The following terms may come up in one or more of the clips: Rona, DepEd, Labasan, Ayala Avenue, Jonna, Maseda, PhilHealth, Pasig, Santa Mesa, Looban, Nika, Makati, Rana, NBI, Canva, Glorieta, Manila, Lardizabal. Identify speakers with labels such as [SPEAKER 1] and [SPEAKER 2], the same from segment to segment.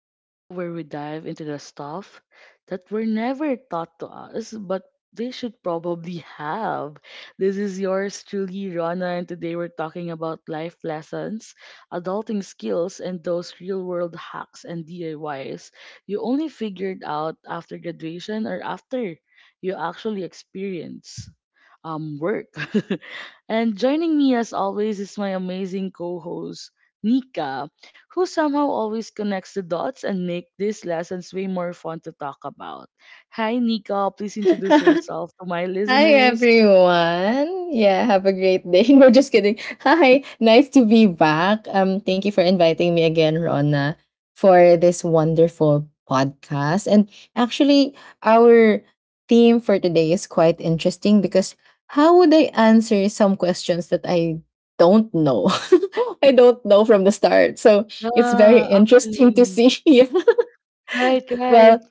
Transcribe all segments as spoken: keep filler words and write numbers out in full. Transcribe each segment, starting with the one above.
[SPEAKER 1] The show where we dive into the stuff that were never taught to us, but they should probably have. This is yours truly, Rana, and today we're talking about life lessons, adulting skills, and those real world hacks and D I Ys you only figured out after graduation or after you actually experience um, work. And joining me as always is my amazing co host, Nika, who somehow always connects the dots and make these lessons way more fun to talk about. Hi, Nika. Please introduce yourself to my
[SPEAKER 2] Hi
[SPEAKER 1] listeners.
[SPEAKER 2] everyone. Yeah, have a great day. No, just kidding. Hi, nice to be back. Um, thank you for inviting me again, Rona, for this wonderful podcast. And actually, our theme for today is quite interesting because how would I answer some questions that I don't know? I don't know from the start. So it's very
[SPEAKER 1] Ah,
[SPEAKER 2] interesting to
[SPEAKER 1] actually.
[SPEAKER 2] see. Yeah.
[SPEAKER 1] Right,
[SPEAKER 2] Well,
[SPEAKER 1] right.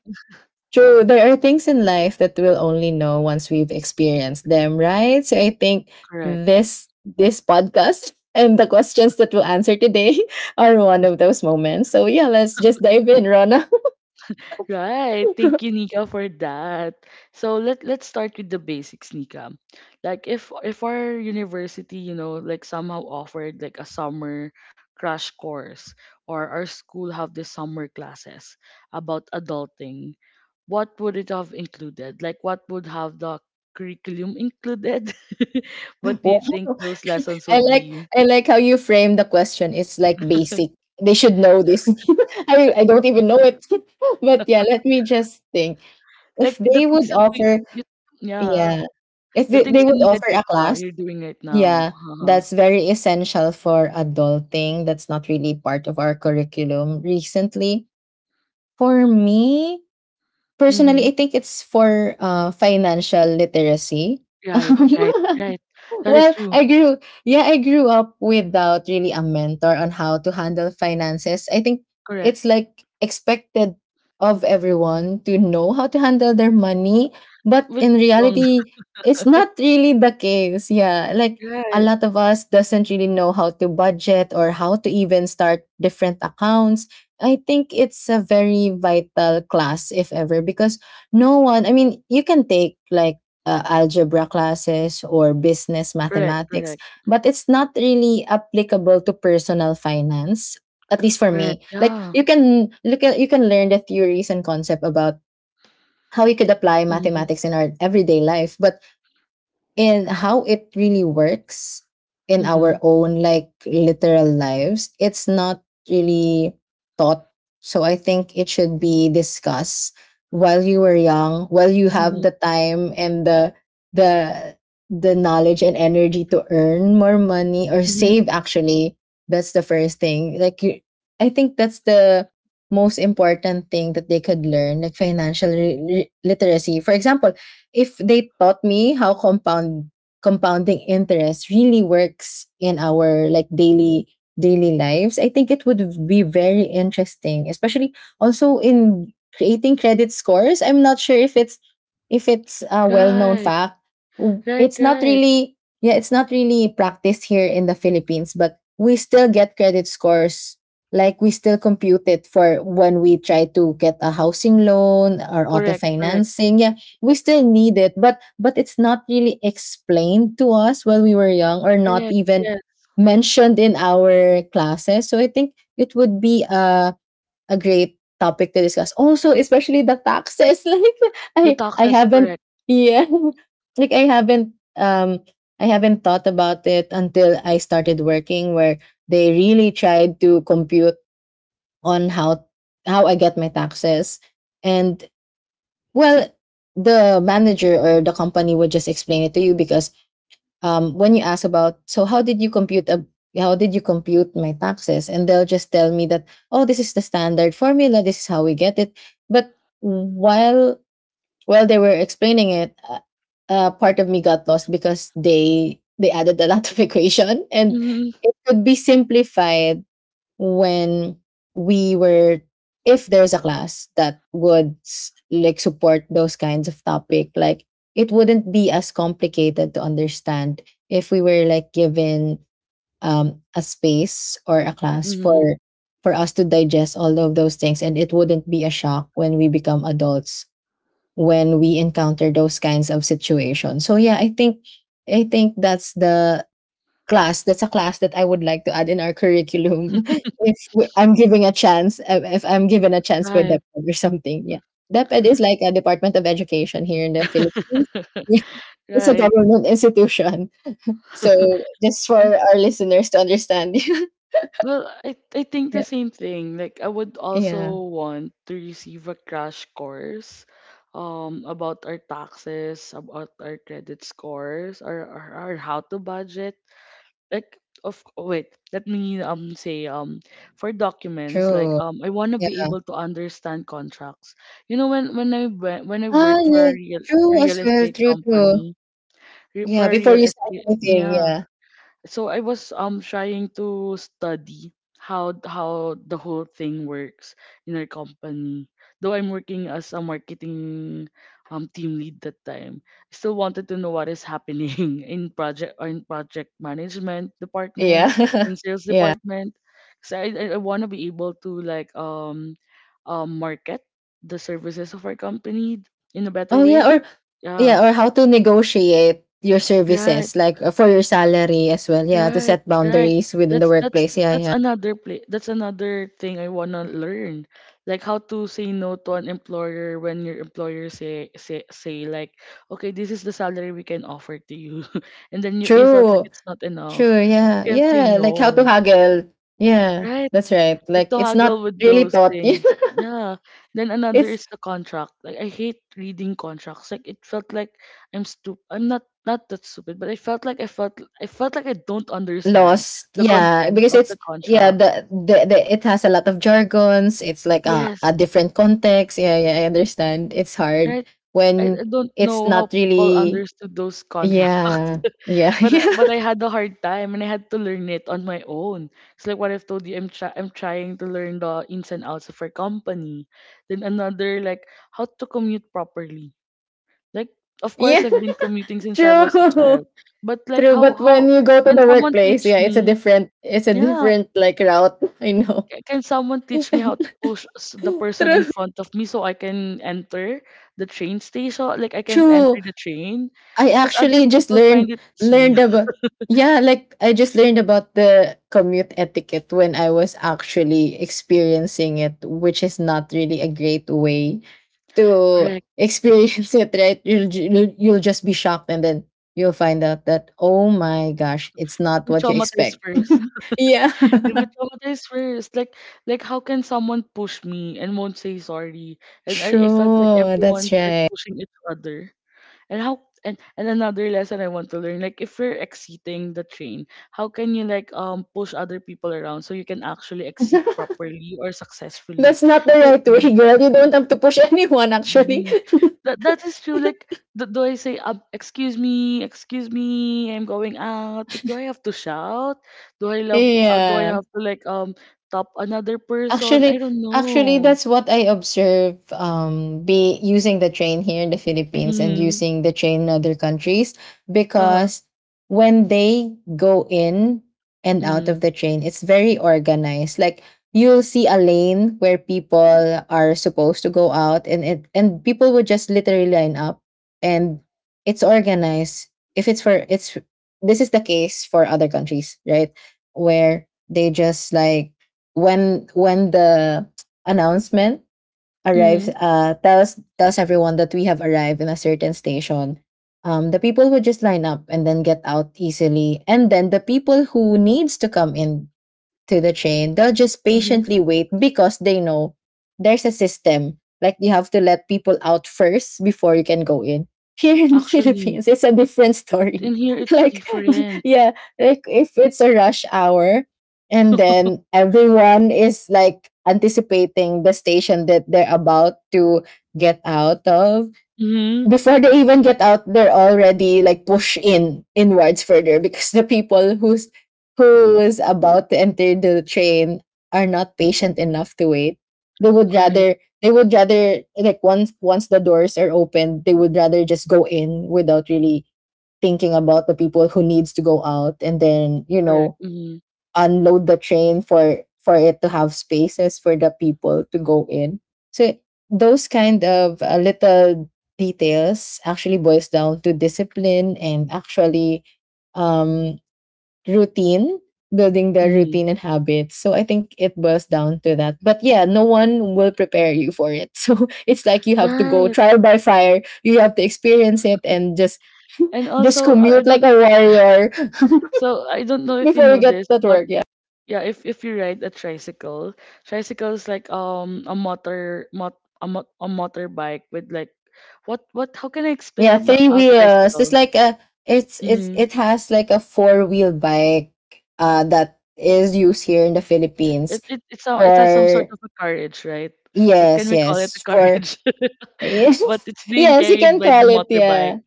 [SPEAKER 2] true, there are things in life that we'll only know once we've experienced them, right? So I think
[SPEAKER 1] Correct.
[SPEAKER 2] this this podcast and the questions that we'll answer today are one of those moments. So yeah, let's just dive in, Rona.
[SPEAKER 1] Right. Thank you, Nika, for that. So let let's start with the basics, Nika. Like if if our university, you know, like somehow offered like a summer crash course or our school have the summer classes about adulting, what would it have included? Like what would have the curriculum included? What do you
[SPEAKER 2] Wow.
[SPEAKER 1] think those lessons
[SPEAKER 2] I
[SPEAKER 1] would
[SPEAKER 2] like
[SPEAKER 1] be?
[SPEAKER 2] I like how you frame the question. It's like basic. They should know this. I mean, I don't even know it. But yeah, let me just think. If
[SPEAKER 1] Like the
[SPEAKER 2] they
[SPEAKER 1] things
[SPEAKER 2] would
[SPEAKER 1] that we
[SPEAKER 2] offer,
[SPEAKER 1] you, yeah,
[SPEAKER 2] Yeah, if
[SPEAKER 1] the
[SPEAKER 2] they,
[SPEAKER 1] things
[SPEAKER 2] they
[SPEAKER 1] you
[SPEAKER 2] would
[SPEAKER 1] needed
[SPEAKER 2] offer
[SPEAKER 1] right
[SPEAKER 2] a
[SPEAKER 1] now,
[SPEAKER 2] class.
[SPEAKER 1] you're doing right now.
[SPEAKER 2] Yeah,
[SPEAKER 1] Uh-huh.
[SPEAKER 2] that's very essential for adulting. That's not really part of our curriculum recently. For me,
[SPEAKER 1] Mm-hmm.
[SPEAKER 2] personally, I think it's for uh, financial literacy.
[SPEAKER 1] Right, right, right. That is
[SPEAKER 2] Well,
[SPEAKER 1] true.
[SPEAKER 2] I grew yeah, I grew up without really a mentor on how to handle finances. I think
[SPEAKER 1] Correct.
[SPEAKER 2] it's like expected of everyone to know how to handle their money, but
[SPEAKER 1] Which
[SPEAKER 2] in
[SPEAKER 1] song?
[SPEAKER 2] reality, it's not really the case. Yeah, like a
[SPEAKER 1] Right.
[SPEAKER 2] lot of us doesn't really know how to budget or how to even start different accounts. I think it's a very vital class if ever because no one, I mean, you can take like uh, algebra classes or business
[SPEAKER 1] Correct,
[SPEAKER 2] mathematics,
[SPEAKER 1] correct,
[SPEAKER 2] but it's not really applicable to personal finance. At least for
[SPEAKER 1] correct.
[SPEAKER 2] me, like
[SPEAKER 1] Yeah.
[SPEAKER 2] you can look at you can learn the theories and concept about how you could apply
[SPEAKER 1] Mhm.
[SPEAKER 2] mathematics in our everyday life, but and how it really works in our
[SPEAKER 1] Mhm.
[SPEAKER 2] own like literal lives, it's not really taught. So I think it should be discussed while you were young, while you have
[SPEAKER 1] Mhm.
[SPEAKER 2] the time and the the the knowledge and energy to earn more money or
[SPEAKER 1] Mhm.
[SPEAKER 2] save actually. That's the first thing. Like you I think that's the most important thing that they could learn, like financial re- re- literacy. For example, if they taught me how compound compounding interest really works in our like daily daily lives, I think it would be very interesting, especially also in creating credit scores. I'm not sure if it's if it's a well-known
[SPEAKER 1] Right.
[SPEAKER 2] fact. W-
[SPEAKER 1] Right,
[SPEAKER 2] it's not
[SPEAKER 1] right.
[SPEAKER 2] really, yeah, it's not really practiced here in the Philippines, but we still get credit scores, like we still compute it for when we try to get a housing loan or auto
[SPEAKER 1] Correct, correct.
[SPEAKER 2] financing. Yeah, we
[SPEAKER 1] Yes.
[SPEAKER 2] still need it, but but it's not really explained to us when we were young, or not
[SPEAKER 1] Correct.
[SPEAKER 2] even
[SPEAKER 1] Yes.
[SPEAKER 2] mentioned in our classes. So I think it would be a a great topic to discuss, also especially the taxes. Like
[SPEAKER 1] The
[SPEAKER 2] i
[SPEAKER 1] talk
[SPEAKER 2] i
[SPEAKER 1] is
[SPEAKER 2] haven't
[SPEAKER 1] correct.
[SPEAKER 2] yeah, like I haven't, um i haven't thought about it until I started working, where they really tried to compute on how how I get my taxes. And well, the manager or the company would just explain it to you, because um, when you ask about, so how did you compute a how did you compute my taxes? And they'll just tell me that, oh, this is the standard formula. This is how we get it. But while while they were explaining it, uh, uh, part of me got lost because they they added a lot of equation, and
[SPEAKER 1] Mhm.
[SPEAKER 2] it could be simplified when we were, if there's a class that would s- like support those kinds of topic, like it wouldn't be as complicated to understand if we were like given um, a space or a class
[SPEAKER 1] Mhm.
[SPEAKER 2] for for us to digest all of those things, and it wouldn't be a shock when we become adults, when we encounter those kinds of situations. So yeah, i think i think that's the class. That's a class that I would like to add in our curriculum. if we, I'm giving a chance. uh, If I'm given a chance by
[SPEAKER 1] Right.
[SPEAKER 2] DepEd or something, yeah. DepEd is like a Department of Education here in the Philippines. Yeah, it's a
[SPEAKER 1] Right.
[SPEAKER 2] government institution. So just for
[SPEAKER 1] I'm
[SPEAKER 2] our listeners to understand.
[SPEAKER 1] Well, I I think the
[SPEAKER 2] Yeah.
[SPEAKER 1] same thing. Like I would
[SPEAKER 2] Yeah.
[SPEAKER 1] also want to receive a crash course um about our taxes, about our credit scores, or or, or how to budget. Like of oh, wait, let me um say um for documents like
[SPEAKER 2] True.
[SPEAKER 1] um I want to be
[SPEAKER 2] Yeah.
[SPEAKER 1] able to understand contracts. You know when when I went, when I
[SPEAKER 2] Ah,
[SPEAKER 1] work for a
[SPEAKER 2] yeah.
[SPEAKER 1] real
[SPEAKER 2] True as
[SPEAKER 1] real
[SPEAKER 2] well.
[SPEAKER 1] estate
[SPEAKER 2] True. True.
[SPEAKER 1] company re-
[SPEAKER 2] Yeah.
[SPEAKER 1] for a
[SPEAKER 2] Before
[SPEAKER 1] real
[SPEAKER 2] you start
[SPEAKER 1] estate
[SPEAKER 2] anything.
[SPEAKER 1] yeah
[SPEAKER 2] Yeah.
[SPEAKER 1] so I was um trying to study how how the whole thing works in our company. Though I'm working as a marketing um team lead that time, I still wanted to know what is happening in project or in project management department,
[SPEAKER 2] Yeah.
[SPEAKER 1] in sales
[SPEAKER 2] Yeah.
[SPEAKER 1] department. So I I, I want to be able to like um um market the services of our company in a better
[SPEAKER 2] Oh yeah,
[SPEAKER 1] way.
[SPEAKER 2] or
[SPEAKER 1] Yeah.
[SPEAKER 2] yeah, or how to negotiate your
[SPEAKER 1] Right.
[SPEAKER 2] services, like uh, for your salary as well. Yeah, to
[SPEAKER 1] Right,
[SPEAKER 2] set
[SPEAKER 1] right.
[SPEAKER 2] boundaries within the
[SPEAKER 1] That's that's
[SPEAKER 2] workplace. Yeah,
[SPEAKER 1] that's
[SPEAKER 2] yeah.
[SPEAKER 1] another play. That's another thing I wanna learn, like how to say no to an employer when your employer say say say like, okay, this is the salary we can offer to you, and then you you felt like
[SPEAKER 2] True,
[SPEAKER 1] it's not enough,
[SPEAKER 2] true.
[SPEAKER 1] but you
[SPEAKER 2] Yeah,
[SPEAKER 1] can say
[SPEAKER 2] yeah. Like how to
[SPEAKER 1] no.
[SPEAKER 2] haggle. Yeah,
[SPEAKER 1] Right,
[SPEAKER 2] that's right.
[SPEAKER 1] like
[SPEAKER 2] Like
[SPEAKER 1] to
[SPEAKER 2] it's
[SPEAKER 1] haggle
[SPEAKER 2] not
[SPEAKER 1] with
[SPEAKER 2] really
[SPEAKER 1] those
[SPEAKER 2] taught.
[SPEAKER 1] things. Yeah. Then another
[SPEAKER 2] It's
[SPEAKER 1] is the contract. Like I hate reading contracts. Like it felt like I'm stupid. I'm not not that stupid, but I felt like I felt I felt like I don't understand
[SPEAKER 2] lost.
[SPEAKER 1] the
[SPEAKER 2] Yeah,
[SPEAKER 1] contents
[SPEAKER 2] because
[SPEAKER 1] of
[SPEAKER 2] it's
[SPEAKER 1] the
[SPEAKER 2] yeah,
[SPEAKER 1] contract.
[SPEAKER 2] the, the the it has a lot of jargons. It's like a a
[SPEAKER 1] Yes.
[SPEAKER 2] different context. Yeah, yeah. I understand. It's hard
[SPEAKER 1] Right. I,
[SPEAKER 2] when
[SPEAKER 1] I don't
[SPEAKER 2] it's
[SPEAKER 1] know how
[SPEAKER 2] not
[SPEAKER 1] people
[SPEAKER 2] really.
[SPEAKER 1] understood those contracts,
[SPEAKER 2] Yeah, yeah,
[SPEAKER 1] but uh,
[SPEAKER 2] yeah.
[SPEAKER 1] but I had a hard time and I had to learn it on my own. It's like what I've told you. I'm try I'm trying to learn the ins and outs of our company. Then another like how to commute properly. Like of course
[SPEAKER 2] Yeah,
[SPEAKER 1] I've been commuting since I was a
[SPEAKER 2] true.
[SPEAKER 1] child, but like
[SPEAKER 2] True,
[SPEAKER 1] how
[SPEAKER 2] but when
[SPEAKER 1] how
[SPEAKER 2] you go to
[SPEAKER 1] can
[SPEAKER 2] the
[SPEAKER 1] someone
[SPEAKER 2] workplace,
[SPEAKER 1] teach
[SPEAKER 2] yeah, it's a
[SPEAKER 1] me?
[SPEAKER 2] different, it's a
[SPEAKER 1] Yeah,
[SPEAKER 2] different like route. I know.
[SPEAKER 1] "Ca- Can someone teach me how to push s- the person in
[SPEAKER 2] True.
[SPEAKER 1] front of me so I can enter the train station? Like I can
[SPEAKER 2] True.
[SPEAKER 1] enter the train?"
[SPEAKER 2] I
[SPEAKER 1] Because other
[SPEAKER 2] actually just
[SPEAKER 1] people find
[SPEAKER 2] learned
[SPEAKER 1] it
[SPEAKER 2] learned
[SPEAKER 1] easy.
[SPEAKER 2] about, yeah, like I just learned about the commute etiquette when I was actually experiencing it, which is not really a great way to
[SPEAKER 1] Correct.
[SPEAKER 2] experience it, right? You'll ju- you'll you'll just be shocked, and then you'll find out that oh my gosh, it's not
[SPEAKER 1] You
[SPEAKER 2] what you
[SPEAKER 1] traumatize
[SPEAKER 2] expect.
[SPEAKER 1] first.
[SPEAKER 2] Yeah.
[SPEAKER 1] You will traumatize first. Like, like how can someone push me and won't say sorry? And I, I felt like
[SPEAKER 2] True, that's
[SPEAKER 1] everyone's like
[SPEAKER 2] right.
[SPEAKER 1] pushing each other. And how and, and another lesson I want to learn, like if you're exiting the train, how can you like um push other people around so you can actually exit properly or successfully?
[SPEAKER 2] That's not the
[SPEAKER 1] 'Cause-
[SPEAKER 2] right way, girl. You don't have to push anyone, actually.
[SPEAKER 1] mm, that that is true. Like do, do I say um excuse me, excuse me, I'm going out? Like do I have to shout? Do I love uh, do I
[SPEAKER 2] Yeah.
[SPEAKER 1] have to like um top another person? I
[SPEAKER 2] Actually,
[SPEAKER 1] don't
[SPEAKER 2] Actually,
[SPEAKER 1] know.
[SPEAKER 2] that's what I observe. Um, be using the train here in the Philippines and
[SPEAKER 1] Mm-hmm.
[SPEAKER 2] using the train in other countries,
[SPEAKER 1] Uh-huh.
[SPEAKER 2] because when they go in and out
[SPEAKER 1] Mm-hmm.
[SPEAKER 2] of the train, it's very organized. Like you'll see a lane where people are supposed to go out, and it and people would just literally line up, and it's organized. If it's for it's This is the case for other countries, right? Where they just like, when when the announcement arrives,
[SPEAKER 1] Hmm.
[SPEAKER 2] uh tells tells everyone that we have arrived in a certain station, um the people would just line up and then get out easily, and then the people who needs to come in to the train, they'll just
[SPEAKER 1] Hmm.
[SPEAKER 2] patiently wait because they know there's a system. Like you have to let people out first before you can go in. Here in the
[SPEAKER 1] Actually.
[SPEAKER 2] Philippines, it's a different
[SPEAKER 1] But in
[SPEAKER 2] story.
[SPEAKER 1] here it's
[SPEAKER 2] Like,
[SPEAKER 1] different.
[SPEAKER 2] yeah, like if it's a rush hour, and then everyone is like anticipating the station that they're about to get out of,
[SPEAKER 1] Mhm.
[SPEAKER 2] before they even get out, they're already like push in inwards further, because the people who's who is about to enter the train are not patient enough to wait. They would
[SPEAKER 1] Correct,
[SPEAKER 2] rather, they would rather like once once the doors are open, they would rather just go in without really thinking about the people who needs to go out, and then you
[SPEAKER 1] correct.
[SPEAKER 2] know,
[SPEAKER 1] Mhm,
[SPEAKER 2] unload the train for for it to have spaces for the people to go in. So those kind of uh, little details actually boils down to discipline, and actually um routine building the
[SPEAKER 1] mhm.
[SPEAKER 2] routine and habits. So I think it boils down to that, but yeah, no one will prepare you for it. So it's like you have to go
[SPEAKER 1] Right.
[SPEAKER 2] trial by fire, you have to experience it and just
[SPEAKER 1] And
[SPEAKER 2] just
[SPEAKER 1] also, I I
[SPEAKER 2] commute like
[SPEAKER 1] don't.
[SPEAKER 2] a warrior
[SPEAKER 1] So I don't know if you
[SPEAKER 2] before you
[SPEAKER 1] know
[SPEAKER 2] get
[SPEAKER 1] this,
[SPEAKER 2] that
[SPEAKER 1] but
[SPEAKER 2] work. Yeah.
[SPEAKER 1] yeah, if if you ride a tricycle, tricycle is like um a motor mot a mot a motorbike with like what what how can I explain
[SPEAKER 2] Yeah,
[SPEAKER 1] a, mo-
[SPEAKER 2] three
[SPEAKER 1] a
[SPEAKER 2] wheels. It's
[SPEAKER 1] tricycle?
[SPEAKER 2] like a, it's it's
[SPEAKER 1] Mm-hmm.
[SPEAKER 2] it has like a four wheel bike uh that is used here in the
[SPEAKER 1] It
[SPEAKER 2] Philippines
[SPEAKER 1] it it's a, it has some sort
[SPEAKER 2] for,
[SPEAKER 1] of a carriage, right? Like can
[SPEAKER 2] yes,
[SPEAKER 1] we call it a
[SPEAKER 2] yes, for,
[SPEAKER 1] carriage?
[SPEAKER 2] yes,
[SPEAKER 1] But it's being
[SPEAKER 2] yes, you
[SPEAKER 1] carried
[SPEAKER 2] can
[SPEAKER 1] by the
[SPEAKER 2] call it,
[SPEAKER 1] motorbike.
[SPEAKER 2] yeah.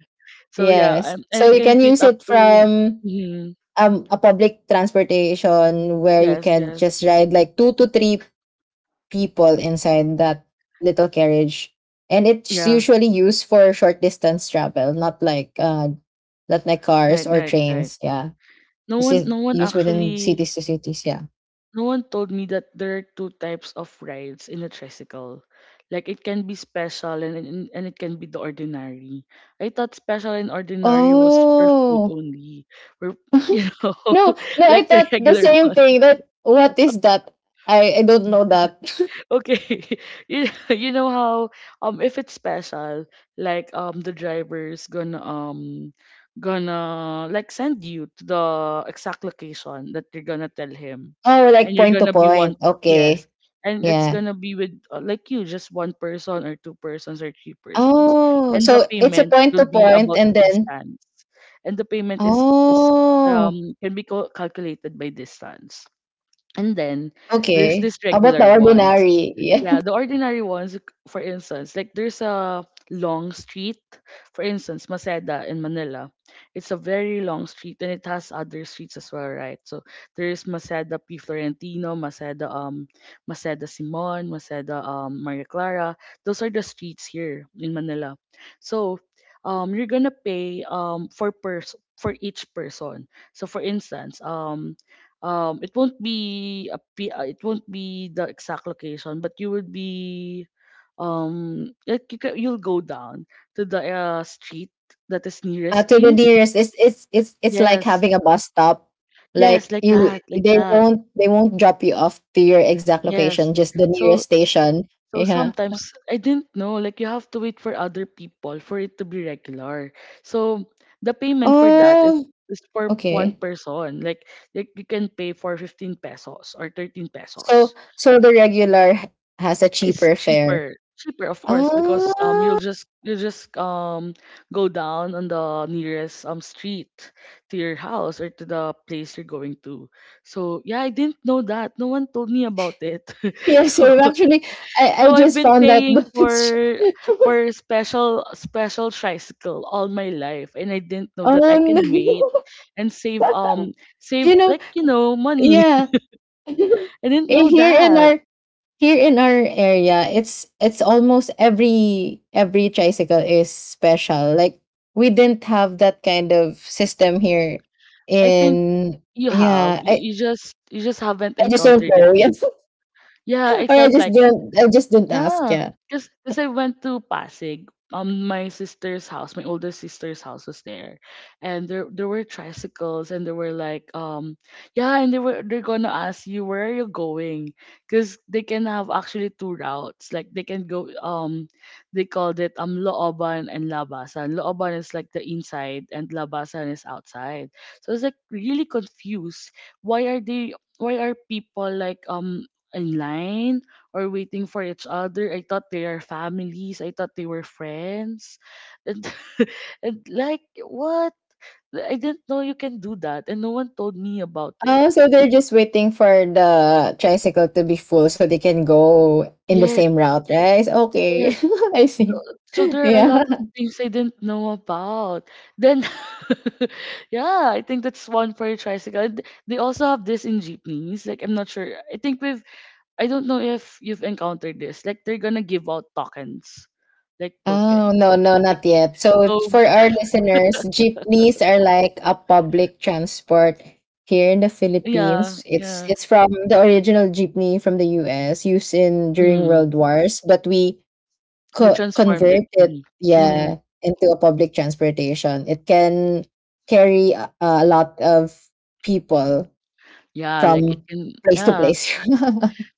[SPEAKER 1] So yeah,
[SPEAKER 2] Yes.
[SPEAKER 1] and, and
[SPEAKER 2] So
[SPEAKER 1] it
[SPEAKER 2] you
[SPEAKER 1] can
[SPEAKER 2] can
[SPEAKER 1] fit
[SPEAKER 2] use
[SPEAKER 1] up
[SPEAKER 2] it
[SPEAKER 1] to.
[SPEAKER 2] from
[SPEAKER 1] Mhm,
[SPEAKER 2] um a public transportation, where you
[SPEAKER 1] yes,
[SPEAKER 2] can
[SPEAKER 1] yes.
[SPEAKER 2] just ride like two to three people inside that little carriage. And it's
[SPEAKER 1] Yeah.
[SPEAKER 2] usually used for short distance travel, not like uh not like cars
[SPEAKER 1] Right,
[SPEAKER 2] or
[SPEAKER 1] right, right.
[SPEAKER 2] trains. Yeah.
[SPEAKER 1] No
[SPEAKER 2] It's
[SPEAKER 1] one
[SPEAKER 2] just
[SPEAKER 1] no one
[SPEAKER 2] used within
[SPEAKER 1] actually
[SPEAKER 2] cities to cities, yeah.
[SPEAKER 1] no one told me that there are two types of rides in a tricycle. Like it can be special and and, and it can be the ordinary. I thought special and ordinary was for food
[SPEAKER 2] Oh.
[SPEAKER 1] only. For you know,
[SPEAKER 2] No, no, I
[SPEAKER 1] like the
[SPEAKER 2] thought the
[SPEAKER 1] regular
[SPEAKER 2] same
[SPEAKER 1] one.
[SPEAKER 2] thing. That what is that? I, I don't know that.
[SPEAKER 1] Okay, you, you know how um if it's special, like um the driver's gonna um gonna like send you to the exact location that you're gonna tell him,
[SPEAKER 2] Oh,
[SPEAKER 1] and
[SPEAKER 2] like
[SPEAKER 1] you're
[SPEAKER 2] point to
[SPEAKER 1] gonna be one
[SPEAKER 2] point.
[SPEAKER 1] yes,
[SPEAKER 2] Okay.
[SPEAKER 1] and it's
[SPEAKER 2] Yeah.
[SPEAKER 1] gonna be with uh, like you just one person or two persons or three persons,
[SPEAKER 2] Oh,
[SPEAKER 1] and the
[SPEAKER 2] so it's a
[SPEAKER 1] payment
[SPEAKER 2] point
[SPEAKER 1] will
[SPEAKER 2] to
[SPEAKER 1] be
[SPEAKER 2] point
[SPEAKER 1] about the
[SPEAKER 2] and then,
[SPEAKER 1] distance, and the payment is is
[SPEAKER 2] oh,
[SPEAKER 1] um can be cal- calculated by distance, and then there's
[SPEAKER 2] okay.
[SPEAKER 1] this
[SPEAKER 2] About
[SPEAKER 1] regular
[SPEAKER 2] the
[SPEAKER 1] one.
[SPEAKER 2] ordinary. Yeah.
[SPEAKER 1] Yeah, the ordinary ones, like, for instance, like there's a long street, for instance, Maseda in Manila. It's a very long street and it has other streets as well, right? So there's Maseda P. Florentino, Maseda um Maseda Simon, Maseda um Maria Clara. Those are the streets here in Manila. So um you're gonna pay um for pers for each person. So for instance, um um it won't be a p- uh, it won't be the exact location but you would be um like you ca- you'll go down to the uh, street that is
[SPEAKER 2] Uh,
[SPEAKER 1] nearest to
[SPEAKER 2] to
[SPEAKER 1] you
[SPEAKER 2] the nearest, it's it's it's it's like
[SPEAKER 1] yes
[SPEAKER 2] having a bus stop, like
[SPEAKER 1] yes like
[SPEAKER 2] you,
[SPEAKER 1] that like
[SPEAKER 2] they
[SPEAKER 1] that
[SPEAKER 2] won't, they won't drop you off to your exact location,
[SPEAKER 1] yes
[SPEAKER 2] just the nearest
[SPEAKER 1] so
[SPEAKER 2] station.
[SPEAKER 1] so
[SPEAKER 2] Yeah,
[SPEAKER 1] sometimes I didn't know like you have to wait for other people for it to be regular so the payment for that is
[SPEAKER 2] oh
[SPEAKER 1] is for one
[SPEAKER 2] okay.
[SPEAKER 1] person like like you can pay for fifteen pesos or thirteen
[SPEAKER 2] So
[SPEAKER 1] pesos.
[SPEAKER 2] so the regular h- has a
[SPEAKER 1] It's
[SPEAKER 2] cheaper fare.
[SPEAKER 1] cheaper, cheaper of course, because um you'll
[SPEAKER 2] Oh
[SPEAKER 1] just you'll just um go down on the nearest um street to your house or to the place you're going to. So yeah, I didn't know that. No one told me about it.
[SPEAKER 2] yeah,
[SPEAKER 1] So
[SPEAKER 2] same actually. I I
[SPEAKER 1] so I've
[SPEAKER 2] just
[SPEAKER 1] been
[SPEAKER 2] found that
[SPEAKER 1] paying
[SPEAKER 2] but it's,
[SPEAKER 1] for for special special tricycle all my life, and I didn't know
[SPEAKER 2] oh
[SPEAKER 1] that I
[SPEAKER 2] no.
[SPEAKER 1] can wait and save um save
[SPEAKER 2] You know,
[SPEAKER 1] like you know money.
[SPEAKER 2] yeah.
[SPEAKER 1] I didn't
[SPEAKER 2] in
[SPEAKER 1] know
[SPEAKER 2] here in
[SPEAKER 1] that.
[SPEAKER 2] our Here in our area, it's it's almost every every tricycle is special, like we didn't have that kind of system here
[SPEAKER 1] I think
[SPEAKER 2] in,
[SPEAKER 1] you have.
[SPEAKER 2] yeah.
[SPEAKER 1] You,
[SPEAKER 2] I
[SPEAKER 1] you just you just haven't
[SPEAKER 2] I just don't
[SPEAKER 1] encountered it
[SPEAKER 2] know.
[SPEAKER 1] yet.
[SPEAKER 2] Yes,
[SPEAKER 1] Yeah, I
[SPEAKER 2] or i
[SPEAKER 1] felt
[SPEAKER 2] just
[SPEAKER 1] like
[SPEAKER 2] didn't I just didn't ask,
[SPEAKER 1] yeah,
[SPEAKER 2] yeah.
[SPEAKER 1] because I went to Pasig. Um, my sister's house, my older sister's house was there, and there there were tricycles, and there were like um, yeah, and they were they're gonna ask you where are you going, because they can have actually two routes. Like they can go um, they called it um Looban and Labasan. Looban is like the inside, and Labasan is outside. So I was like really confused. Why are they? Why are people like um in line? Or waiting for each other. I thought they are families. I thought they were friends. And, and like, what? I didn't know you can do that. And no one told me about it.
[SPEAKER 2] Oh, so they're just waiting for the tricycle to be full so they can go in the
[SPEAKER 1] Yes,
[SPEAKER 2] same route, right? Okay.
[SPEAKER 1] yes.
[SPEAKER 2] I
[SPEAKER 1] So,
[SPEAKER 2] see.
[SPEAKER 1] so there are a lot
[SPEAKER 2] Yeah.
[SPEAKER 1] of things I didn't know about. Then, yeah, I think that's one for a tricycle. And th- they also have this in jeepneys. Like, I'm not sure. I think we've, I don't know if you've encountered this. Like, they're gonna give out tokens, like
[SPEAKER 2] Oh,
[SPEAKER 1] tokens.
[SPEAKER 2] no, no,
[SPEAKER 1] Like,
[SPEAKER 2] not yet. So
[SPEAKER 1] so
[SPEAKER 2] for our listeners, jeepneys are like a public transport here in the
[SPEAKER 1] yeah,
[SPEAKER 2] Philippines. It's
[SPEAKER 1] yeah.
[SPEAKER 2] it's from the original jeepney from the U S used in during
[SPEAKER 1] Mm.
[SPEAKER 2] World Wars, but we
[SPEAKER 1] We
[SPEAKER 2] co-
[SPEAKER 1] transformed it.
[SPEAKER 2] convert it,
[SPEAKER 1] Mm. Mm.
[SPEAKER 2] yeah, into a public transportation. It can carry a, a lot of people
[SPEAKER 1] Yeah, like
[SPEAKER 2] from
[SPEAKER 1] it can
[SPEAKER 2] place to
[SPEAKER 1] yeah.
[SPEAKER 2] place.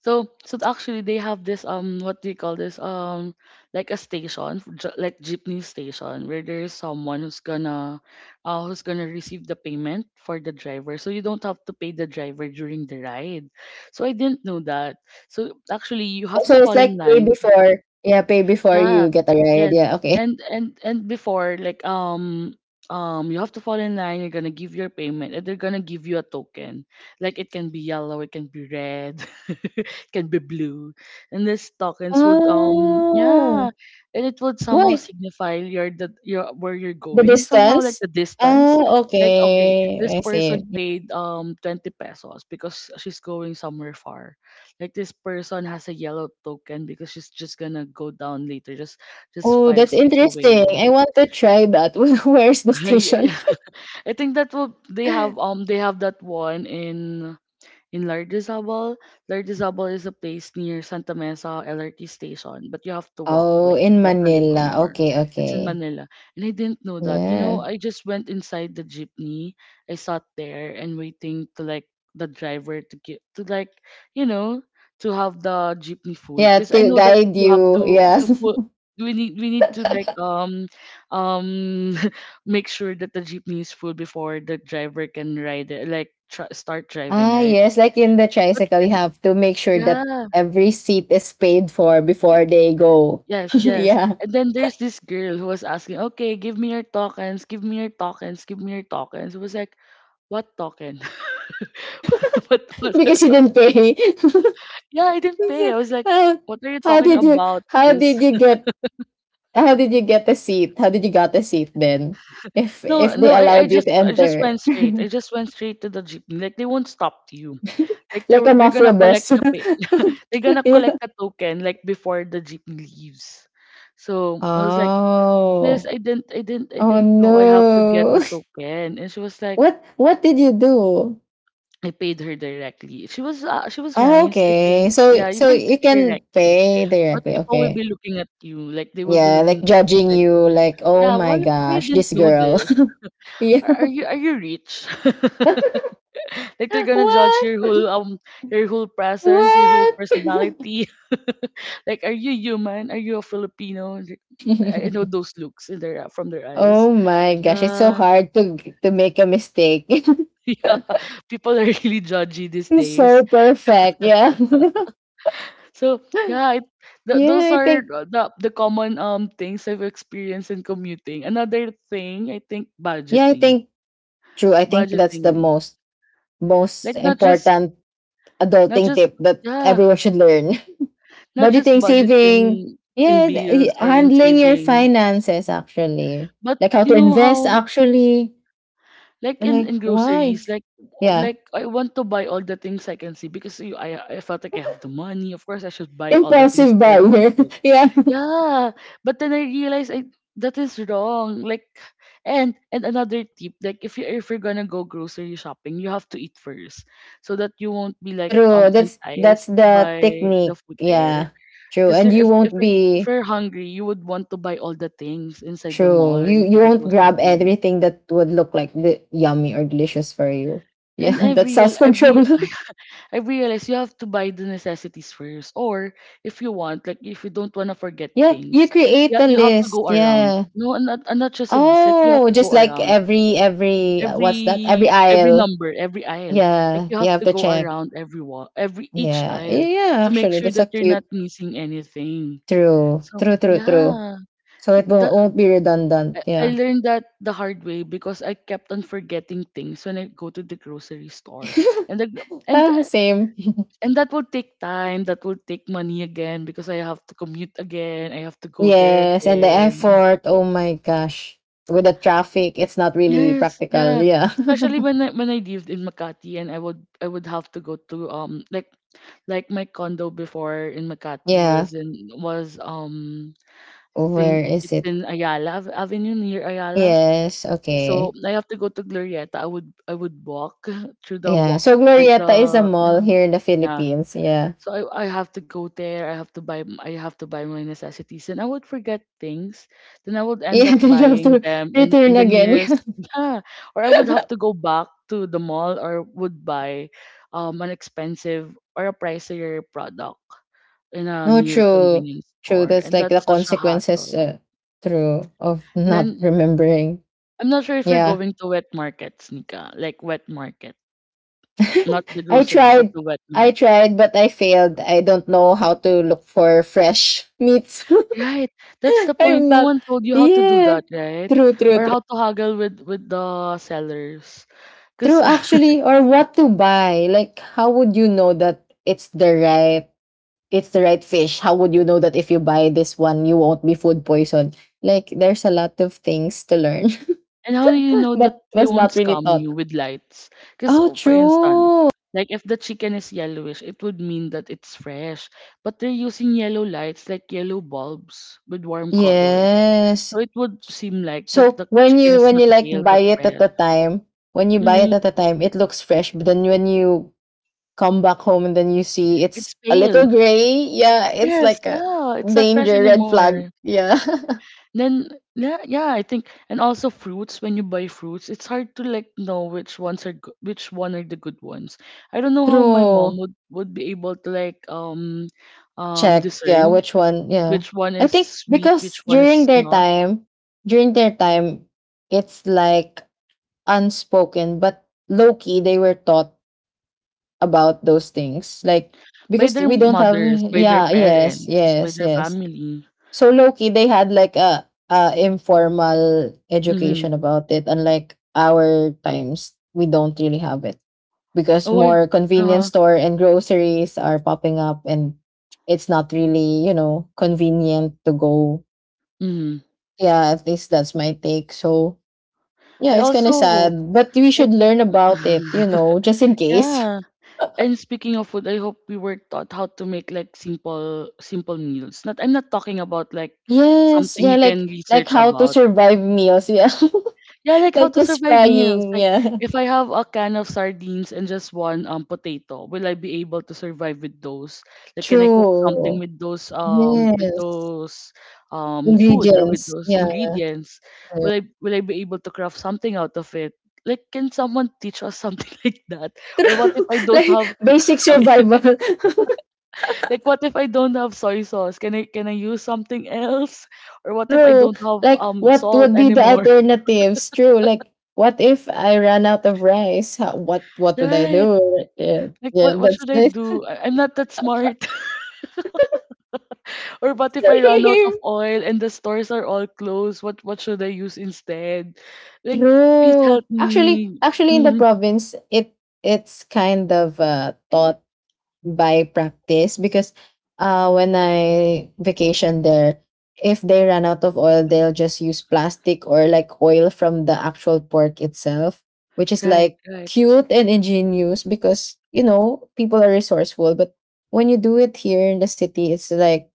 [SPEAKER 1] So so actually they have this um what do you call this? Um like a station, j- like jeepney station where there is someone who's gonna uh who's gonna receive the payment for the driver. So you don't have to pay the driver during the ride. So I didn't know that. So actually you have
[SPEAKER 2] So
[SPEAKER 1] to
[SPEAKER 2] it's
[SPEAKER 1] fall in
[SPEAKER 2] like pay
[SPEAKER 1] line.
[SPEAKER 2] before, yeah, pay before
[SPEAKER 1] Yeah,
[SPEAKER 2] you get a ride,
[SPEAKER 1] yes.
[SPEAKER 2] yeah. Okay.
[SPEAKER 1] And and and before like um um you have to fall in line, you're gonna give your payment and they're gonna give you a token. Like it can be yellow, it can be red, it can be blue. And these tokens would um yeah,
[SPEAKER 2] Oh,
[SPEAKER 1] and it would somehow
[SPEAKER 2] why?
[SPEAKER 1] signify your the your where you're
[SPEAKER 2] The
[SPEAKER 1] going, somehow like
[SPEAKER 2] distance.
[SPEAKER 1] the distance.
[SPEAKER 2] Oh,
[SPEAKER 1] Like okay, this
[SPEAKER 2] okay, I see.
[SPEAKER 1] person paid um twenty pesos because she's going somewhere far like this person has a yellow token because she's just gonna go down later just just
[SPEAKER 2] Oh,
[SPEAKER 1] five
[SPEAKER 2] that's
[SPEAKER 1] streets
[SPEAKER 2] interesting,
[SPEAKER 1] away.
[SPEAKER 2] I want to try that. Where's the
[SPEAKER 1] Yeah.
[SPEAKER 2] station?
[SPEAKER 1] Yeah. I think that will they have um they have that one in in Lardizabal. Lardizabal is a place near Santa Mesa L R T station, but you have to walk,
[SPEAKER 2] Oh,
[SPEAKER 1] like
[SPEAKER 2] in
[SPEAKER 1] walk a little
[SPEAKER 2] Manila.
[SPEAKER 1] more.
[SPEAKER 2] Okay,
[SPEAKER 1] It's in
[SPEAKER 2] okay.
[SPEAKER 1] Manila. And I didn't know that. You
[SPEAKER 2] Yeah.
[SPEAKER 1] know, I just went inside the jeepney. I sat there and waiting to like the driver to get to like, you know, to have the jeepney full.
[SPEAKER 2] Yeah,
[SPEAKER 1] Because I
[SPEAKER 2] to
[SPEAKER 1] know that
[SPEAKER 2] guide
[SPEAKER 1] you have
[SPEAKER 2] you.
[SPEAKER 1] to
[SPEAKER 2] Yeah.
[SPEAKER 1] to full. We need we need to like um um make sure that the jeepney is full before the driver can ride it like tr- start driving,
[SPEAKER 2] Ah,
[SPEAKER 1] right?
[SPEAKER 2] yes. Like in the
[SPEAKER 1] But
[SPEAKER 2] tricycle, you
[SPEAKER 1] then,
[SPEAKER 2] have to make sure that
[SPEAKER 1] yeah,
[SPEAKER 2] every seat is paid for before they go.
[SPEAKER 1] yes, yes.
[SPEAKER 2] Yeah.
[SPEAKER 1] And then there's this girl who was asking, okay, give me your tokens, give me your tokens, give me your tokens. It was like, what token? What, what?
[SPEAKER 2] Because you didn't pay.
[SPEAKER 1] Yeah, I didn't pay.
[SPEAKER 2] So,
[SPEAKER 1] I was like,
[SPEAKER 2] how,
[SPEAKER 1] what are you
[SPEAKER 2] how
[SPEAKER 1] talking
[SPEAKER 2] did you?
[SPEAKER 1] about,
[SPEAKER 2] How
[SPEAKER 1] sis?
[SPEAKER 2] did you get? How did you get a seat? How did you got a seat then? If
[SPEAKER 1] No,
[SPEAKER 2] if
[SPEAKER 1] no,
[SPEAKER 2] they
[SPEAKER 1] I, I
[SPEAKER 2] allowed you to
[SPEAKER 1] just I just
[SPEAKER 2] enter,
[SPEAKER 1] went straight. I just went straight to the jeepney. Like they won't stop you. Like they
[SPEAKER 2] like a
[SPEAKER 1] were they're gonna
[SPEAKER 2] mafia
[SPEAKER 1] collect
[SPEAKER 2] boss.
[SPEAKER 1] the pay. They're gonna
[SPEAKER 2] Yeah.
[SPEAKER 1] collect the token like before the jeepney leaves. So I was like, sis,
[SPEAKER 2] Oh.
[SPEAKER 1] I didn't, I didn't, I
[SPEAKER 2] Oh
[SPEAKER 1] didn't know I have to get a
[SPEAKER 2] no.
[SPEAKER 1] token. And she was like,
[SPEAKER 2] What what did you do?
[SPEAKER 1] I paid her directly. She was, uh, she was
[SPEAKER 2] Oh,
[SPEAKER 1] nice, I
[SPEAKER 2] okay.
[SPEAKER 1] think.
[SPEAKER 2] So
[SPEAKER 1] Yeah, you
[SPEAKER 2] so
[SPEAKER 1] can
[SPEAKER 2] you
[SPEAKER 1] pay
[SPEAKER 2] can
[SPEAKER 1] directly.
[SPEAKER 2] pay
[SPEAKER 1] But
[SPEAKER 2] directly.
[SPEAKER 1] people will be
[SPEAKER 2] Okay.
[SPEAKER 1] looking at you, like they will be
[SPEAKER 2] Yeah,
[SPEAKER 1] looking
[SPEAKER 2] like
[SPEAKER 1] at you
[SPEAKER 2] judging
[SPEAKER 1] like,
[SPEAKER 2] you like, "Oh
[SPEAKER 1] yeah,
[SPEAKER 2] my
[SPEAKER 1] why, why you
[SPEAKER 2] gosh,
[SPEAKER 1] didn't
[SPEAKER 2] this
[SPEAKER 1] know
[SPEAKER 2] girl."
[SPEAKER 1] this?
[SPEAKER 2] Yeah.
[SPEAKER 1] Are, are you, are you rich? Like they're gonna judge
[SPEAKER 2] What?
[SPEAKER 1] your whole, um, your whole presence, your whole
[SPEAKER 2] What?
[SPEAKER 1] personality. Like, are you human? Are you a Filipino? Like, I I know those looks in their, from their eyes.
[SPEAKER 2] Oh my gosh, it's so
[SPEAKER 1] Yeah.
[SPEAKER 2] hard to to make a mistake.
[SPEAKER 1] Yeah, people are really judgy these
[SPEAKER 2] It's so
[SPEAKER 1] days.
[SPEAKER 2] perfect. Yeah.
[SPEAKER 1] So yeah, it, th- those
[SPEAKER 2] yeah, I
[SPEAKER 1] are
[SPEAKER 2] think
[SPEAKER 1] uh, the the common um things I've experienced in commuting. Another thing I think
[SPEAKER 2] yeah, I
[SPEAKER 1] budgeting,
[SPEAKER 2] think true. I think that's the
[SPEAKER 1] budgeting,
[SPEAKER 2] most
[SPEAKER 1] like
[SPEAKER 2] most
[SPEAKER 1] not just
[SPEAKER 2] important
[SPEAKER 1] not
[SPEAKER 2] adulting
[SPEAKER 1] just,
[SPEAKER 2] tip that
[SPEAKER 1] yeah,
[SPEAKER 2] everyone should learn.
[SPEAKER 1] not just
[SPEAKER 2] Budgeting, saving,
[SPEAKER 1] budgeting in
[SPEAKER 2] yeah, th-
[SPEAKER 1] bills
[SPEAKER 2] y-
[SPEAKER 1] or in
[SPEAKER 2] handling your
[SPEAKER 1] saving,
[SPEAKER 2] finances actually,
[SPEAKER 1] but
[SPEAKER 2] like how
[SPEAKER 1] you
[SPEAKER 2] to
[SPEAKER 1] know
[SPEAKER 2] invest
[SPEAKER 1] how,
[SPEAKER 2] actually.
[SPEAKER 1] like in
[SPEAKER 2] Like
[SPEAKER 1] in
[SPEAKER 2] why?
[SPEAKER 1] groceries, like
[SPEAKER 2] Yeah,
[SPEAKER 1] like I want to buy all the things I can see because you, I I felt like I have the money. Of course, I should buy all the things
[SPEAKER 2] impulsive
[SPEAKER 1] that I
[SPEAKER 2] buyer.
[SPEAKER 1] wanted.
[SPEAKER 2] Yeah,
[SPEAKER 1] Yeah, but then I realized I that is wrong. Like, and and another tip, like if you if you're gonna go grocery shopping, you have to eat first, so that you won't be like
[SPEAKER 2] true.
[SPEAKER 1] um
[SPEAKER 2] That's that's
[SPEAKER 1] enticed
[SPEAKER 2] the
[SPEAKER 1] by the
[SPEAKER 2] technique.
[SPEAKER 1] food there.
[SPEAKER 2] Yeah, true.
[SPEAKER 1] Because
[SPEAKER 2] And you
[SPEAKER 1] if if
[SPEAKER 2] won't
[SPEAKER 1] you're, if
[SPEAKER 2] be
[SPEAKER 1] you're hungry, you would want to buy all the things inside the mall
[SPEAKER 2] true.
[SPEAKER 1] or
[SPEAKER 2] You you
[SPEAKER 1] inside the
[SPEAKER 2] won't
[SPEAKER 1] grocery.
[SPEAKER 2] grab everything that would look like the yummy or delicious for you. Yeah,
[SPEAKER 1] And I
[SPEAKER 2] that's
[SPEAKER 1] real
[SPEAKER 2] self
[SPEAKER 1] I, re-
[SPEAKER 2] control.
[SPEAKER 1] I realized you have to buy the necessities first. Or if you want, like if you don't want to forget
[SPEAKER 2] Yeah, you
[SPEAKER 1] things,
[SPEAKER 2] create
[SPEAKER 1] yeah,
[SPEAKER 2] the
[SPEAKER 1] you have to
[SPEAKER 2] list.
[SPEAKER 1] go around.
[SPEAKER 2] Yeah.
[SPEAKER 1] No, and not, and not just a list. Like you have
[SPEAKER 2] Oh,
[SPEAKER 1] to
[SPEAKER 2] just
[SPEAKER 1] go
[SPEAKER 2] like
[SPEAKER 1] around
[SPEAKER 2] every every uh, what's that?
[SPEAKER 1] every
[SPEAKER 2] Every
[SPEAKER 1] every
[SPEAKER 2] aisle.
[SPEAKER 1] number, every aisle. Like
[SPEAKER 2] Yeah,
[SPEAKER 1] you
[SPEAKER 2] you
[SPEAKER 1] have
[SPEAKER 2] have
[SPEAKER 1] to
[SPEAKER 2] to
[SPEAKER 1] go
[SPEAKER 2] check.
[SPEAKER 1] around every wall, every each
[SPEAKER 2] Yeah,
[SPEAKER 1] aisle
[SPEAKER 2] yeah. yeah,
[SPEAKER 1] to make
[SPEAKER 2] actually,
[SPEAKER 1] sure
[SPEAKER 2] that's a
[SPEAKER 1] that you're
[SPEAKER 2] cute.
[SPEAKER 1] not missing anything.
[SPEAKER 2] True,
[SPEAKER 1] So
[SPEAKER 2] true, true, true.
[SPEAKER 1] yeah,
[SPEAKER 2] So it
[SPEAKER 1] the
[SPEAKER 2] won't, won't be redundant.
[SPEAKER 1] I I
[SPEAKER 2] Yeah.
[SPEAKER 1] learned that the hard way because I kept on forgetting things when I go to the grocery store, and the gr- and
[SPEAKER 2] Ah, same.
[SPEAKER 1] and that would take time, that would take money again because I have to commute again, I have to go there
[SPEAKER 2] Yes, and the
[SPEAKER 1] again.
[SPEAKER 2] effort. Oh my gosh, with the traffic, it's not really
[SPEAKER 1] Yes,
[SPEAKER 2] practical.
[SPEAKER 1] yeah.
[SPEAKER 2] Yeah.
[SPEAKER 1] Especially when I when I lived in Makati and I would I would have to go to um like like my condo before in Makati
[SPEAKER 2] Yeah.
[SPEAKER 1] was in was um I think
[SPEAKER 2] Where is
[SPEAKER 1] it's
[SPEAKER 2] it?
[SPEAKER 1] in Ayala Ave- Avenue near Ayala.
[SPEAKER 2] Yes.
[SPEAKER 1] So
[SPEAKER 2] Okay.
[SPEAKER 1] I have to go to Glorieta. I would I would walk through the
[SPEAKER 2] Yeah.
[SPEAKER 1] walk
[SPEAKER 2] So
[SPEAKER 1] like the
[SPEAKER 2] Glorieta is a mall
[SPEAKER 1] yeah.
[SPEAKER 2] here in the
[SPEAKER 1] Yeah.
[SPEAKER 2] Philippines. Yeah.
[SPEAKER 1] So I, I have to go there. I have to buy. m- I have to buy my necessities, and I would forget things. Then I would end
[SPEAKER 2] Yeah,
[SPEAKER 1] up
[SPEAKER 2] then you have
[SPEAKER 1] buying
[SPEAKER 2] to
[SPEAKER 1] them in in
[SPEAKER 2] return
[SPEAKER 1] the
[SPEAKER 2] again.
[SPEAKER 1] nearest. Yeah, or I would have to go back to the mall, or would buy, um, an expensive or a pricier product in a
[SPEAKER 2] No,
[SPEAKER 1] near
[SPEAKER 2] true.
[SPEAKER 1] convenience
[SPEAKER 2] True.
[SPEAKER 1] store,
[SPEAKER 2] That's
[SPEAKER 1] and
[SPEAKER 2] like the
[SPEAKER 1] that's such a
[SPEAKER 2] consequences,
[SPEAKER 1] hassle.
[SPEAKER 2] uh, true, of not
[SPEAKER 1] Then
[SPEAKER 2] remembering.
[SPEAKER 1] I'm not sure if you're
[SPEAKER 2] Yeah.
[SPEAKER 1] going to wet markets, Nika, like wet market, not the
[SPEAKER 2] I
[SPEAKER 1] grocery, but
[SPEAKER 2] tried.
[SPEAKER 1] the wet
[SPEAKER 2] I
[SPEAKER 1] market.
[SPEAKER 2] tried, but I failed. I don't know how to look for fresh meats.
[SPEAKER 1] Right. That's the point.
[SPEAKER 2] I'm
[SPEAKER 1] No
[SPEAKER 2] not.
[SPEAKER 1] one told you how to do
[SPEAKER 2] Yeah.
[SPEAKER 1] that, right?
[SPEAKER 2] True, true,
[SPEAKER 1] Or
[SPEAKER 2] true.
[SPEAKER 1] how to haggle with with the sellers.
[SPEAKER 2] True,
[SPEAKER 1] Cause
[SPEAKER 2] actually. Or what to buy. Like, how would you know that it's the right it's the right fish. How would you know that if you buy this one, you won't be food poisoned? Like, there's a lot of things to learn.
[SPEAKER 1] and how do you know that
[SPEAKER 2] That
[SPEAKER 1] they
[SPEAKER 2] was
[SPEAKER 1] won't
[SPEAKER 2] not really
[SPEAKER 1] scam
[SPEAKER 2] taught.
[SPEAKER 1] you with lights? Cause
[SPEAKER 2] Oh,
[SPEAKER 1] oh, for instance,
[SPEAKER 2] true.
[SPEAKER 1] like if the chicken is yellowish, it would mean that it's fresh. But they're using yellow lights, like yellow bulbs with warm colors.
[SPEAKER 2] Yes.
[SPEAKER 1] So it would seem like that
[SPEAKER 2] So
[SPEAKER 1] the
[SPEAKER 2] when
[SPEAKER 1] chicken
[SPEAKER 2] you
[SPEAKER 1] is
[SPEAKER 2] when
[SPEAKER 1] not
[SPEAKER 2] you like
[SPEAKER 1] pale
[SPEAKER 2] buy
[SPEAKER 1] but
[SPEAKER 2] it at
[SPEAKER 1] fresh.
[SPEAKER 2] the time, when you buy it
[SPEAKER 1] Hmm.
[SPEAKER 2] at the time, it looks fresh. But then when you come back home and then you see it's
[SPEAKER 1] It's
[SPEAKER 2] a
[SPEAKER 1] pale.
[SPEAKER 2] little gray, yeah, it's
[SPEAKER 1] Yes,
[SPEAKER 2] like a
[SPEAKER 1] yeah. It's not fresh
[SPEAKER 2] danger red flag.
[SPEAKER 1] anymore.
[SPEAKER 2] Yeah,
[SPEAKER 1] Then yeah, yeah, I think and also fruits, when you buy fruits, it's hard to like know which ones are go- which one are the good ones. I don't know how my mom
[SPEAKER 2] true.
[SPEAKER 1] would would be able to like um um
[SPEAKER 2] Check, yeah,
[SPEAKER 1] discern
[SPEAKER 2] which one, yeah.
[SPEAKER 1] which one
[SPEAKER 2] I
[SPEAKER 1] is
[SPEAKER 2] think
[SPEAKER 1] sweet, which
[SPEAKER 2] because
[SPEAKER 1] one
[SPEAKER 2] during
[SPEAKER 1] is
[SPEAKER 2] their
[SPEAKER 1] not,
[SPEAKER 2] time during their time it's like unspoken but low-key they were taught about those things, like
[SPEAKER 1] by
[SPEAKER 2] because
[SPEAKER 1] their
[SPEAKER 2] we don't have,
[SPEAKER 1] mothers, by their
[SPEAKER 2] yeah. Yes,
[SPEAKER 1] parents, by
[SPEAKER 2] yes,
[SPEAKER 1] their
[SPEAKER 2] yes.
[SPEAKER 1] family.
[SPEAKER 2] So low-key they had like a, a informal
[SPEAKER 1] Mm-hmm.
[SPEAKER 2] education about it, unlike our times we don't really have it because
[SPEAKER 1] Oh, and
[SPEAKER 2] more convenience
[SPEAKER 1] uh-huh.
[SPEAKER 2] store and groceries are popping up, and it's not really, you know, convenient to go.
[SPEAKER 1] Mm-hmm.
[SPEAKER 2] Yeah, at least that's my take. So, yeah,
[SPEAKER 1] I
[SPEAKER 2] it's kind of
[SPEAKER 1] also hope
[SPEAKER 2] sad, but we should
[SPEAKER 1] like
[SPEAKER 2] learn about it, you know, just in case.
[SPEAKER 1] yeah. And speaking of food, I hope we were taught how to make like simple simple meals. Not, I'm not talking about like
[SPEAKER 2] Yes,
[SPEAKER 1] something
[SPEAKER 2] yeah,
[SPEAKER 1] you can
[SPEAKER 2] like like
[SPEAKER 1] research
[SPEAKER 2] how to
[SPEAKER 1] about.
[SPEAKER 2] survive meals, yeah.
[SPEAKER 1] Yeah, like how
[SPEAKER 2] Like
[SPEAKER 1] to
[SPEAKER 2] just
[SPEAKER 1] survive meals.
[SPEAKER 2] frying,
[SPEAKER 1] Like
[SPEAKER 2] yeah.
[SPEAKER 1] if I have a can of sardines and just one um potato, will I be able to survive with those? Like can I cook something
[SPEAKER 2] True.
[SPEAKER 1] with those um with
[SPEAKER 2] Yes.
[SPEAKER 1] those um food or with
[SPEAKER 2] Ingredients,
[SPEAKER 1] those
[SPEAKER 2] yeah.
[SPEAKER 1] ingredients? Will I will I be able to craft something out of it? Like can someone teach us something like that? Or what if
[SPEAKER 2] True.
[SPEAKER 1] I don't
[SPEAKER 2] Like
[SPEAKER 1] have
[SPEAKER 2] basic survival.
[SPEAKER 1] like what if I don't have soy sauce? Can I can I use something else? Or what if I
[SPEAKER 2] True.
[SPEAKER 1] don't have
[SPEAKER 2] Like,
[SPEAKER 1] um
[SPEAKER 2] what
[SPEAKER 1] salt
[SPEAKER 2] would be the
[SPEAKER 1] anymore?
[SPEAKER 2] alternatives? True. Like, what if I ran out of rice? How, what What would I
[SPEAKER 1] Right.
[SPEAKER 2] do? Yeah,
[SPEAKER 1] Like
[SPEAKER 2] yeah,
[SPEAKER 1] what what
[SPEAKER 2] that's
[SPEAKER 1] should I
[SPEAKER 2] the same.
[SPEAKER 1] do? I, I'm not that smart. Or what if I run out of oil and the stores are all closed? What what should I use instead? Like please
[SPEAKER 2] True.
[SPEAKER 1] help
[SPEAKER 2] Actually,
[SPEAKER 1] me.
[SPEAKER 2] actually, in the province, it it's kind of, uh, taught by practice because, uh, when I vacation there, if they run out of oil, they'll just use plastic or like oil from the actual pork itself, which is
[SPEAKER 1] Right,
[SPEAKER 2] like
[SPEAKER 1] right.
[SPEAKER 2] cute and ingenious because you know people are resourceful. But when you do it here in the city, it's like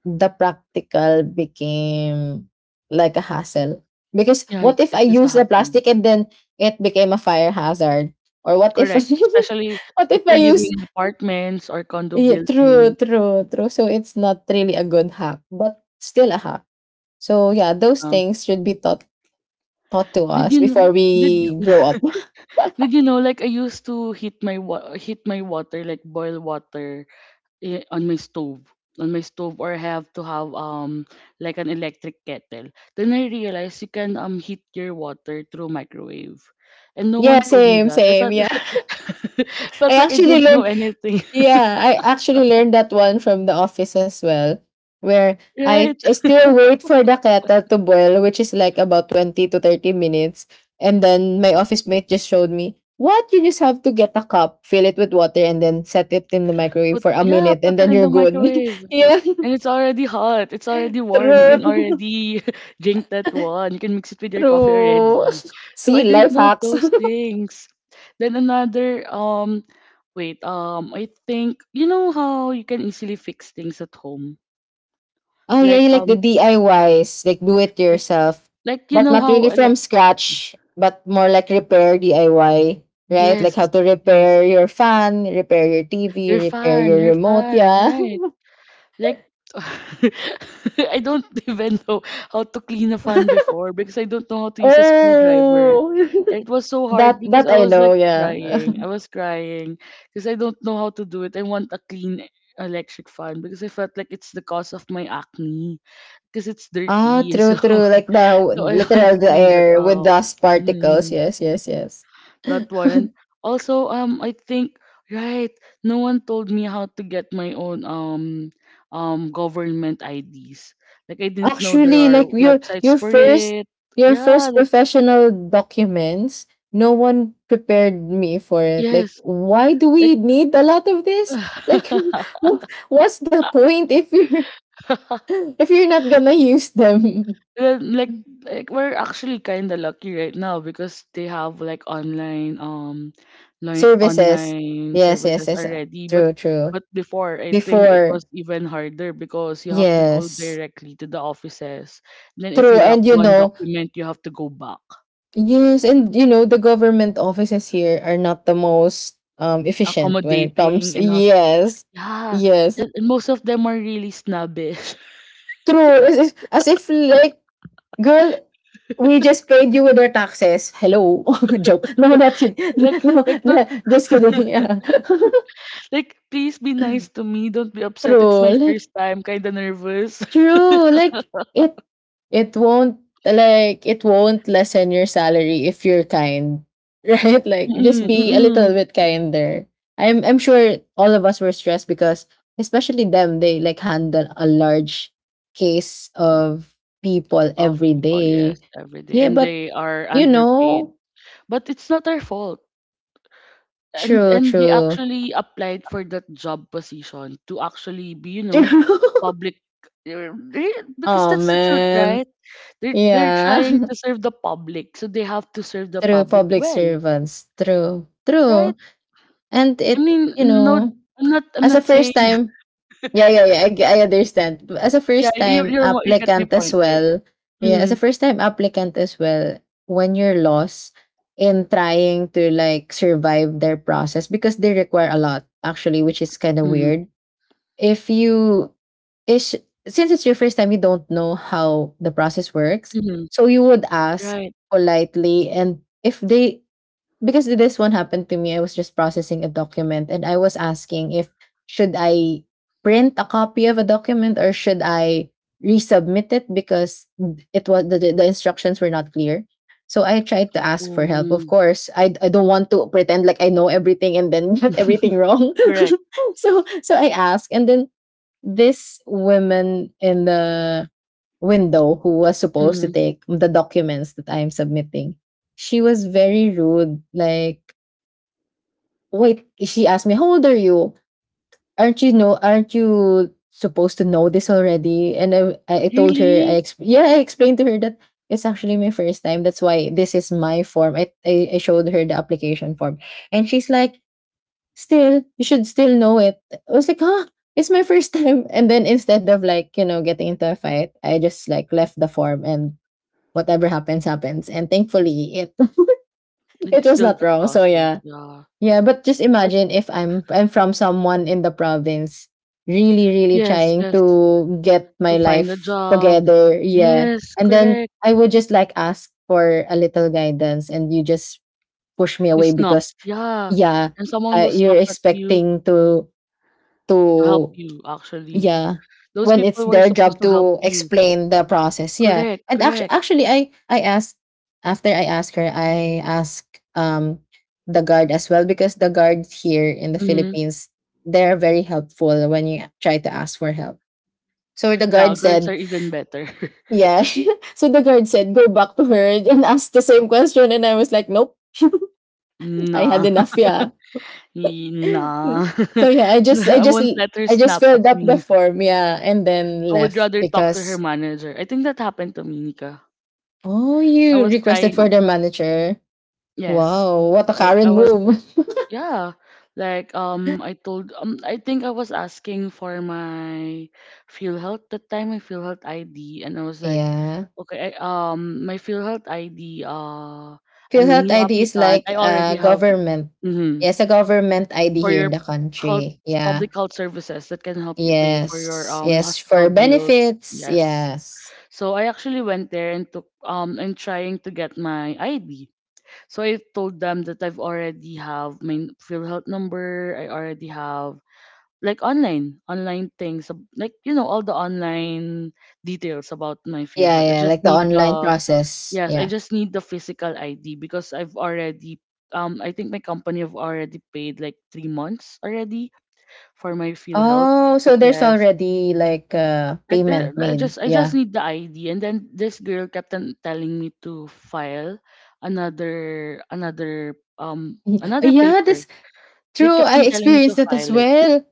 [SPEAKER 2] the practical became like a hassle. Because
[SPEAKER 1] Yeah,
[SPEAKER 2] what
[SPEAKER 1] it,
[SPEAKER 2] if I
[SPEAKER 1] it is a
[SPEAKER 2] use the
[SPEAKER 1] hassle.
[SPEAKER 2] plastic and then it became a fire hazard? Or what if
[SPEAKER 1] Correct. Especially
[SPEAKER 2] what
[SPEAKER 1] if
[SPEAKER 2] if I
[SPEAKER 1] you're living
[SPEAKER 2] use
[SPEAKER 1] in apartments or condo
[SPEAKER 2] Yeah, true,
[SPEAKER 1] buildings.
[SPEAKER 2] true, true. So it's not really a good hack, but still a hack. So yeah, those
[SPEAKER 1] Yeah.
[SPEAKER 2] things should be taught taught to
[SPEAKER 1] Did
[SPEAKER 2] us
[SPEAKER 1] you
[SPEAKER 2] before
[SPEAKER 1] kn- did
[SPEAKER 2] we grow up.
[SPEAKER 1] did you know, like I used to heat my wa- heat my water, like boil water i- on my stove, on my stove, or have to have um like an electric kettle. Then I realized you can um heat your water through microwave, and no
[SPEAKER 2] Yeah,
[SPEAKER 1] one told me
[SPEAKER 2] same,
[SPEAKER 1] that. I
[SPEAKER 2] same.
[SPEAKER 1] felt
[SPEAKER 2] Yeah, I
[SPEAKER 1] felt like I
[SPEAKER 2] actually
[SPEAKER 1] don't know
[SPEAKER 2] learned
[SPEAKER 1] anything,
[SPEAKER 2] yeah, I actually learned that one from the office as well, where I
[SPEAKER 1] right?
[SPEAKER 2] I still wait for the kettle to boil, which is like about twenty to thirty minutes. And then my office mate just showed me, what? You just have to get a cup, fill it with water, and then set it in the microwave
[SPEAKER 1] But
[SPEAKER 2] for a
[SPEAKER 1] yeah,
[SPEAKER 2] minute,
[SPEAKER 1] put
[SPEAKER 2] and
[SPEAKER 1] it
[SPEAKER 2] then
[SPEAKER 1] in
[SPEAKER 2] you're
[SPEAKER 1] the
[SPEAKER 2] good.
[SPEAKER 1] microwave.
[SPEAKER 2] Yeah,
[SPEAKER 1] And it's already hot. It's already warm. You can
[SPEAKER 2] true.
[SPEAKER 1] already drink that one. You can mix it with your coffee
[SPEAKER 2] True.
[SPEAKER 1] already. So I
[SPEAKER 2] See,
[SPEAKER 1] didn't
[SPEAKER 2] life
[SPEAKER 1] know
[SPEAKER 2] hacks.
[SPEAKER 1] those things. Then another um wait, um I think you know how you can easily fix things at home.
[SPEAKER 2] Oh, yeah,
[SPEAKER 1] Like
[SPEAKER 2] you like the
[SPEAKER 1] um
[SPEAKER 2] D I Ys, like do it
[SPEAKER 1] like
[SPEAKER 2] yourself,
[SPEAKER 1] like you
[SPEAKER 2] but
[SPEAKER 1] know
[SPEAKER 2] not really
[SPEAKER 1] how uh, like
[SPEAKER 2] from scratch, but more like repair D I Y, right? Like
[SPEAKER 1] yes,
[SPEAKER 2] how to
[SPEAKER 1] yes.
[SPEAKER 2] repair your fan, repair your
[SPEAKER 1] Your
[SPEAKER 2] T V, repair
[SPEAKER 1] fan,
[SPEAKER 2] your
[SPEAKER 1] your
[SPEAKER 2] remote,
[SPEAKER 1] fan,
[SPEAKER 2] yeah.
[SPEAKER 1] right? Like, I don't even know how to clean a fan before because I don't know how to use a screwdriver.
[SPEAKER 2] Oh,
[SPEAKER 1] It was so hard
[SPEAKER 2] that
[SPEAKER 1] because
[SPEAKER 2] that
[SPEAKER 1] I
[SPEAKER 2] I
[SPEAKER 1] was
[SPEAKER 2] know,
[SPEAKER 1] like
[SPEAKER 2] yeah.
[SPEAKER 1] crying. I was crying because I don't know how to do it. I want a clean electric fan because I felt like it's the cause of my acne because it's
[SPEAKER 2] Ah,
[SPEAKER 1] dirty.
[SPEAKER 2] true,
[SPEAKER 1] So,
[SPEAKER 2] true. Like the
[SPEAKER 1] so I want
[SPEAKER 2] literal
[SPEAKER 1] to
[SPEAKER 2] the
[SPEAKER 1] clean that
[SPEAKER 2] air with
[SPEAKER 1] up.
[SPEAKER 2] dust particles.
[SPEAKER 1] Mm-hmm.
[SPEAKER 2] Yes, yes, yes.
[SPEAKER 1] That one, and also um I think, right, no one told me how to get my own um um government IDs. Like I didn't know there
[SPEAKER 2] Actually,
[SPEAKER 1] are
[SPEAKER 2] like your
[SPEAKER 1] websites
[SPEAKER 2] your
[SPEAKER 1] for
[SPEAKER 2] first
[SPEAKER 1] it.
[SPEAKER 2] your
[SPEAKER 1] Yeah,
[SPEAKER 2] first
[SPEAKER 1] like
[SPEAKER 2] professional documents, no one prepared me for it. Like
[SPEAKER 1] yes,
[SPEAKER 2] why do
[SPEAKER 1] like
[SPEAKER 2] we need a lot of this, like wh- what's the point if you're if you're not gonna use them.
[SPEAKER 1] well, like like we're actually kind of lucky right now because they have like online um li-
[SPEAKER 2] Services,
[SPEAKER 1] online
[SPEAKER 2] yes, yes,
[SPEAKER 1] services
[SPEAKER 2] yes, uh,
[SPEAKER 1] already, but
[SPEAKER 2] true, true.
[SPEAKER 1] but before, I think it
[SPEAKER 2] Before,
[SPEAKER 1] was even harder because you have to go
[SPEAKER 2] yes.
[SPEAKER 1] directly to the offices. Then if
[SPEAKER 2] True.
[SPEAKER 1] you lack
[SPEAKER 2] And you
[SPEAKER 1] one
[SPEAKER 2] know,
[SPEAKER 1] document, you have to go back.
[SPEAKER 2] yes. And you know the government offices here are not the most, um, efficient when it comes,
[SPEAKER 1] Accommodating and hosp-
[SPEAKER 2] yes.
[SPEAKER 1] yeah.
[SPEAKER 2] Yes.
[SPEAKER 1] And, and most of them are really snobbish.
[SPEAKER 2] True, as if, as if like, girl, we just paid you with our taxes. Hello? Joke. No, not kidding.
[SPEAKER 1] like
[SPEAKER 2] No,
[SPEAKER 1] like
[SPEAKER 2] no,
[SPEAKER 1] don't
[SPEAKER 2] just kidding. Yeah.
[SPEAKER 1] like please be nice to me, don't be upset, it's
[SPEAKER 2] True.
[SPEAKER 1] my
[SPEAKER 2] Like,
[SPEAKER 1] first time, kind of nervous.
[SPEAKER 2] true. Like it it won't, like it won't lessen your salary if you're kind. Right? Like just
[SPEAKER 1] Mm-mm,
[SPEAKER 2] be a little
[SPEAKER 1] mm-mm.
[SPEAKER 2] bit kinder. I'm I'm sure all of us were stressed because especially them, they like handle a large case of people
[SPEAKER 1] Of
[SPEAKER 2] every
[SPEAKER 1] people, yes,
[SPEAKER 2] day.
[SPEAKER 1] every day,
[SPEAKER 2] Yeah,
[SPEAKER 1] and
[SPEAKER 2] but
[SPEAKER 1] they are
[SPEAKER 2] you
[SPEAKER 1] underpaid,
[SPEAKER 2] know,
[SPEAKER 1] but it's not their fault. and
[SPEAKER 2] true,
[SPEAKER 1] and they
[SPEAKER 2] true.
[SPEAKER 1] actually applied for that job position to actually be, you know, a
[SPEAKER 2] True.
[SPEAKER 1] public, eh, eh, because
[SPEAKER 2] Oh
[SPEAKER 1] that's the truth,
[SPEAKER 2] man.
[SPEAKER 1] right? they're, they're
[SPEAKER 2] Yeah.
[SPEAKER 1] trying to serve the public, so they have to serve the
[SPEAKER 2] True
[SPEAKER 1] public
[SPEAKER 2] public
[SPEAKER 1] well,
[SPEAKER 2] servants. True.
[SPEAKER 1] right?
[SPEAKER 2] True. And
[SPEAKER 1] I
[SPEAKER 2] it,
[SPEAKER 1] mean,
[SPEAKER 2] you
[SPEAKER 1] no,
[SPEAKER 2] know,
[SPEAKER 1] i'm not I'm
[SPEAKER 2] as a
[SPEAKER 1] not
[SPEAKER 2] first
[SPEAKER 1] saying
[SPEAKER 2] time, yeah, yeah, yeah, i, g- I understand. But as a
[SPEAKER 1] yeah,
[SPEAKER 2] first
[SPEAKER 1] you,
[SPEAKER 2] time
[SPEAKER 1] you're, wa- you get my
[SPEAKER 2] applicant as
[SPEAKER 1] point, right?
[SPEAKER 2] well, yeah, as a
[SPEAKER 1] Mm-hmm,
[SPEAKER 2] first time applicant as well, when you're lost in trying to like survive their process because they require a lot actually, which is kind of
[SPEAKER 1] mm-hmm,
[SPEAKER 2] weird. If you is, since it's your first time, you don't know how the process works,
[SPEAKER 1] mm-hmm,
[SPEAKER 2] so you would ask
[SPEAKER 1] right,
[SPEAKER 2] politely. And if they, because this one happened to me. I was just processing a document and I was asking if should I print a copy of a document or should I resubmit it because it was the, the instructions were not clear. So I tried to ask for help. Of
[SPEAKER 1] oh,
[SPEAKER 2] course, I, I don't want to pretend like I know everything and then get everything wrong.
[SPEAKER 1] correct,
[SPEAKER 2] so so I asked, and then this woman in the window, who was supposed to
[SPEAKER 1] mm-hmm.
[SPEAKER 2] take the documents that I am submitting, she was very rude. Like, wait, she asked me, "How old are you? Aren't you know? Aren't you supposed to know this already?" And I, I I told her, I
[SPEAKER 1] Really.
[SPEAKER 2] exp- yeah, I explained to her that it's actually my first time. That's why this is my form. I, I I showed her the application form, and she's like, "Still, you should still know it." I was like, "Huh." It's my first time. And then instead of like, you know, getting into a fight, I just like left the form and whatever happens happens, and thankfully it it
[SPEAKER 1] It's
[SPEAKER 2] was
[SPEAKER 1] still
[SPEAKER 2] not
[SPEAKER 1] that
[SPEAKER 2] wrong, so
[SPEAKER 1] process,
[SPEAKER 2] yeah.
[SPEAKER 1] yeah.
[SPEAKER 2] Yeah, but just
[SPEAKER 1] But
[SPEAKER 2] imagine if
[SPEAKER 1] s-
[SPEAKER 2] I'm I'm from someone in the province really really
[SPEAKER 1] yes,
[SPEAKER 2] trying
[SPEAKER 1] yes,
[SPEAKER 2] to get
[SPEAKER 1] to
[SPEAKER 2] my
[SPEAKER 1] find a
[SPEAKER 2] life
[SPEAKER 1] job.
[SPEAKER 2] together, yeah.
[SPEAKER 1] Yes,
[SPEAKER 2] And then
[SPEAKER 1] correct.
[SPEAKER 2] I would just like ask for a little guidance and you just push me
[SPEAKER 1] You
[SPEAKER 2] away
[SPEAKER 1] snob,
[SPEAKER 2] because,
[SPEAKER 1] yeah.
[SPEAKER 2] yeah,
[SPEAKER 1] And someone
[SPEAKER 2] uh,
[SPEAKER 1] will
[SPEAKER 2] you're
[SPEAKER 1] snub at you
[SPEAKER 2] expecting to
[SPEAKER 1] to help
[SPEAKER 2] to
[SPEAKER 1] you, actually.
[SPEAKER 2] yeah.
[SPEAKER 1] Those
[SPEAKER 2] When it's
[SPEAKER 1] people were
[SPEAKER 2] their
[SPEAKER 1] supposed
[SPEAKER 2] job
[SPEAKER 1] to help
[SPEAKER 2] to
[SPEAKER 1] you.
[SPEAKER 2] explain the process. Yeah.
[SPEAKER 1] Correct,
[SPEAKER 2] And actually
[SPEAKER 1] correct.
[SPEAKER 2] actually I I asked. After I asked her, I asked, um, the guard as well because the guard here in the
[SPEAKER 1] Hmm.
[SPEAKER 2] Philippines, they're very helpful when you try to ask for help. So the
[SPEAKER 1] Yeah,
[SPEAKER 2] guard
[SPEAKER 1] girls are
[SPEAKER 2] said,
[SPEAKER 1] even better.
[SPEAKER 2] yeah. So the guard said, go back to her and ask the same question. And I was like, nope, I had
[SPEAKER 1] Nah,
[SPEAKER 2] enough. Yeah.
[SPEAKER 1] y- nah.
[SPEAKER 2] So yeah, I just I
[SPEAKER 1] I
[SPEAKER 2] just
[SPEAKER 1] won't let her
[SPEAKER 2] I just
[SPEAKER 1] snap at
[SPEAKER 2] filled up the
[SPEAKER 1] me.
[SPEAKER 2] form, yeah, and then
[SPEAKER 1] I would
[SPEAKER 2] left
[SPEAKER 1] rather talk to her
[SPEAKER 2] because
[SPEAKER 1] manager. I think that happened to me, Nika.
[SPEAKER 2] Oh,
[SPEAKER 1] I
[SPEAKER 2] you
[SPEAKER 1] was
[SPEAKER 2] requested for
[SPEAKER 1] trying,
[SPEAKER 2] their manager.
[SPEAKER 1] yes.
[SPEAKER 2] Wow, what a
[SPEAKER 1] Like, I
[SPEAKER 2] Karen
[SPEAKER 1] was
[SPEAKER 2] move.
[SPEAKER 1] Yeah, like um, I told um, I think I was asking for my PhilHealth that time, my PhilHealth I D, and I was like,
[SPEAKER 2] Yeah.
[SPEAKER 1] okay, I, um, my PhilHealth I D, uh, I'm a
[SPEAKER 2] PhilHealth
[SPEAKER 1] new
[SPEAKER 2] I D is
[SPEAKER 1] applicant.
[SPEAKER 2] like
[SPEAKER 1] I already
[SPEAKER 2] a
[SPEAKER 1] have
[SPEAKER 2] government.
[SPEAKER 1] mm-hmm,
[SPEAKER 2] Yes, a government I D
[SPEAKER 1] for
[SPEAKER 2] here in
[SPEAKER 1] your
[SPEAKER 2] the
[SPEAKER 1] health,
[SPEAKER 2] country. Yeah.
[SPEAKER 1] public health services that can help you pay for your
[SPEAKER 2] Yes.
[SPEAKER 1] um
[SPEAKER 2] Yes,
[SPEAKER 1] hospital
[SPEAKER 2] for
[SPEAKER 1] bills.
[SPEAKER 2] benefits.
[SPEAKER 1] Yes,
[SPEAKER 2] Yes.
[SPEAKER 1] so I actually went there and took um, I'm trying to get my I D. So I told them that I've already have my PhilHealth number. I already have like online, online things, ab- like you know all the online details about my
[SPEAKER 2] Yeah,
[SPEAKER 1] PhilHealth. I
[SPEAKER 2] yeah,
[SPEAKER 1] just
[SPEAKER 2] like the
[SPEAKER 1] need
[SPEAKER 2] online
[SPEAKER 1] the
[SPEAKER 2] process.
[SPEAKER 1] yes, I
[SPEAKER 2] Yeah.
[SPEAKER 1] just need the physical I D because I've already um I think my company have already paid like three months already for my PhilHealth.
[SPEAKER 2] Oh, so there's
[SPEAKER 1] Yes.
[SPEAKER 2] already like uh,
[SPEAKER 1] Like
[SPEAKER 2] payment
[SPEAKER 1] there- I
[SPEAKER 2] made.
[SPEAKER 1] just I just
[SPEAKER 2] Yeah.
[SPEAKER 1] need the I D, and then this girl kept on telling me to file another another um
[SPEAKER 2] Y-
[SPEAKER 1] another
[SPEAKER 2] Yeah,
[SPEAKER 1] paper.
[SPEAKER 2] that's
[SPEAKER 1] They
[SPEAKER 2] true.
[SPEAKER 1] kept
[SPEAKER 2] I
[SPEAKER 1] on telling me
[SPEAKER 2] experienced
[SPEAKER 1] to
[SPEAKER 2] that as
[SPEAKER 1] file it.
[SPEAKER 2] well.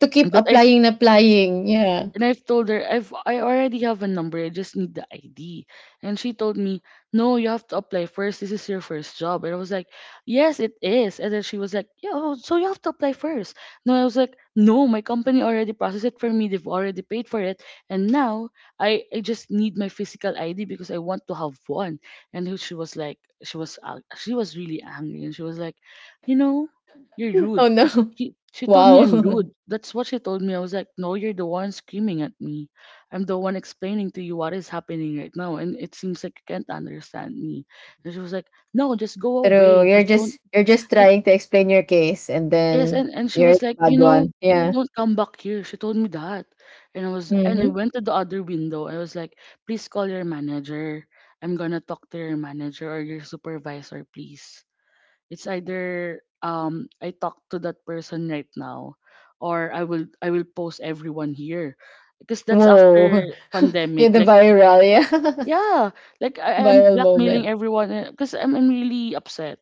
[SPEAKER 2] To keep
[SPEAKER 1] But I
[SPEAKER 2] applying and applying. Yeah.
[SPEAKER 1] and I've told her I've I already have a number. I just need the I D. And she told me, "No, you have to apply first. This is your first job." And I was like, "Yes, it is." And then she was like, "Yeah, oh, so you have to apply first." No, I was like, "No, my company already processed it for me. They've already paid for it. And now I I just need my physical I D because I want to have one." And then she was like, she was ang- she was really angry, and she was like, "You know, you're rude."
[SPEAKER 2] Oh no.
[SPEAKER 1] She she told me I'm
[SPEAKER 2] Wow.
[SPEAKER 1] rude. That's what she told me. I was like, no, you're the one screaming at me. I'm the one explaining to you what is happening right now, and it seems like you can't understand me. And she was like, no, just go
[SPEAKER 2] True.
[SPEAKER 1] away.
[SPEAKER 2] You're
[SPEAKER 1] Just don't.
[SPEAKER 2] just you're just
[SPEAKER 1] And,
[SPEAKER 2] trying to explain your case, and
[SPEAKER 1] yes,
[SPEAKER 2] then
[SPEAKER 1] and and she
[SPEAKER 2] you're
[SPEAKER 1] was
[SPEAKER 2] the
[SPEAKER 1] like,
[SPEAKER 2] bad
[SPEAKER 1] you know,
[SPEAKER 2] one. Yeah.
[SPEAKER 1] don't come back here. She told me that, and I was and I
[SPEAKER 2] Mm-hmm.
[SPEAKER 1] went to the other window. I was like, please call your manager. I'm gonna talk to your manager or your supervisor, please. It's either um I talk to that person right now, or I will I will post everyone here. Because that's after
[SPEAKER 2] Whoa. You're
[SPEAKER 1] pandemic.
[SPEAKER 2] the
[SPEAKER 1] Like
[SPEAKER 2] viral, yeah.
[SPEAKER 1] yeah, like I, I'm
[SPEAKER 2] Viral
[SPEAKER 1] blackmailing
[SPEAKER 2] moment.
[SPEAKER 1] everyone because I'm, I'm really upset.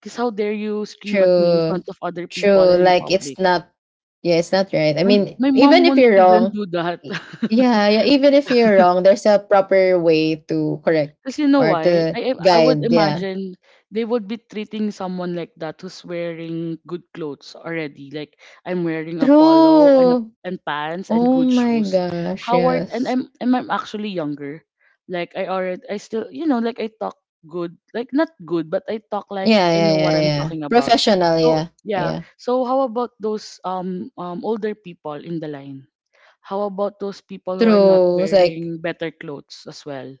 [SPEAKER 1] Because how dare you scream at me in
[SPEAKER 2] True.
[SPEAKER 1] front of other people and
[SPEAKER 2] True.
[SPEAKER 1] in
[SPEAKER 2] Like it's
[SPEAKER 1] public?
[SPEAKER 2] not yeah, it's not right. I
[SPEAKER 1] My,
[SPEAKER 2] mean,
[SPEAKER 1] my
[SPEAKER 2] even
[SPEAKER 1] mom
[SPEAKER 2] if
[SPEAKER 1] won't
[SPEAKER 2] you're
[SPEAKER 1] even
[SPEAKER 2] wrong,
[SPEAKER 1] do that.
[SPEAKER 2] y- yeah, yeah, even if you're wrong, there's a proper way to
[SPEAKER 1] Because
[SPEAKER 2] correct
[SPEAKER 1] you know
[SPEAKER 2] or
[SPEAKER 1] why?
[SPEAKER 2] to
[SPEAKER 1] I I I would
[SPEAKER 2] guide, yeah.
[SPEAKER 1] imagine they would be treating someone like that who's wearing good clothes already. Like I'm wearing a polo and a,
[SPEAKER 2] True.
[SPEAKER 1] and pants and
[SPEAKER 2] Oh
[SPEAKER 1] good
[SPEAKER 2] my
[SPEAKER 1] shoes.
[SPEAKER 2] gosh,
[SPEAKER 1] How are and
[SPEAKER 2] yes.
[SPEAKER 1] I'm and I'm actually younger. Like I already I still you know like I talk good, like not good, but I talk like
[SPEAKER 2] Yeah,
[SPEAKER 1] I
[SPEAKER 2] yeah,
[SPEAKER 1] know what
[SPEAKER 2] yeah,
[SPEAKER 1] I'm
[SPEAKER 2] yeah.
[SPEAKER 1] talking about.
[SPEAKER 2] Professional,
[SPEAKER 1] So
[SPEAKER 2] yeah.
[SPEAKER 1] yeah.
[SPEAKER 2] Yeah.
[SPEAKER 1] So how about those um um older people in the line? How about those people who are not
[SPEAKER 2] True. It's like,
[SPEAKER 1] wearing better clothes as well?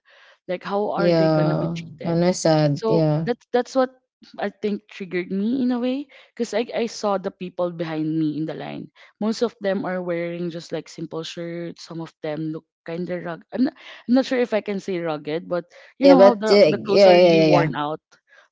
[SPEAKER 1] Like how are they gonna be
[SPEAKER 2] yeah,
[SPEAKER 1] treated?
[SPEAKER 2] kind of sad.
[SPEAKER 1] So
[SPEAKER 2] Yeah.
[SPEAKER 1] that's that's what I think triggered me in a way, because I, I saw the people behind me in the line. Most of them are wearing just like simple shirts. Some of them look kind of rugged. I'm not, I'm not sure if I can say rugged, but you
[SPEAKER 2] Yeah,
[SPEAKER 1] know how
[SPEAKER 2] but uh,
[SPEAKER 1] the, the
[SPEAKER 2] yeah,
[SPEAKER 1] clothes are
[SPEAKER 2] yeah,
[SPEAKER 1] really
[SPEAKER 2] yeah, yeah.
[SPEAKER 1] worn out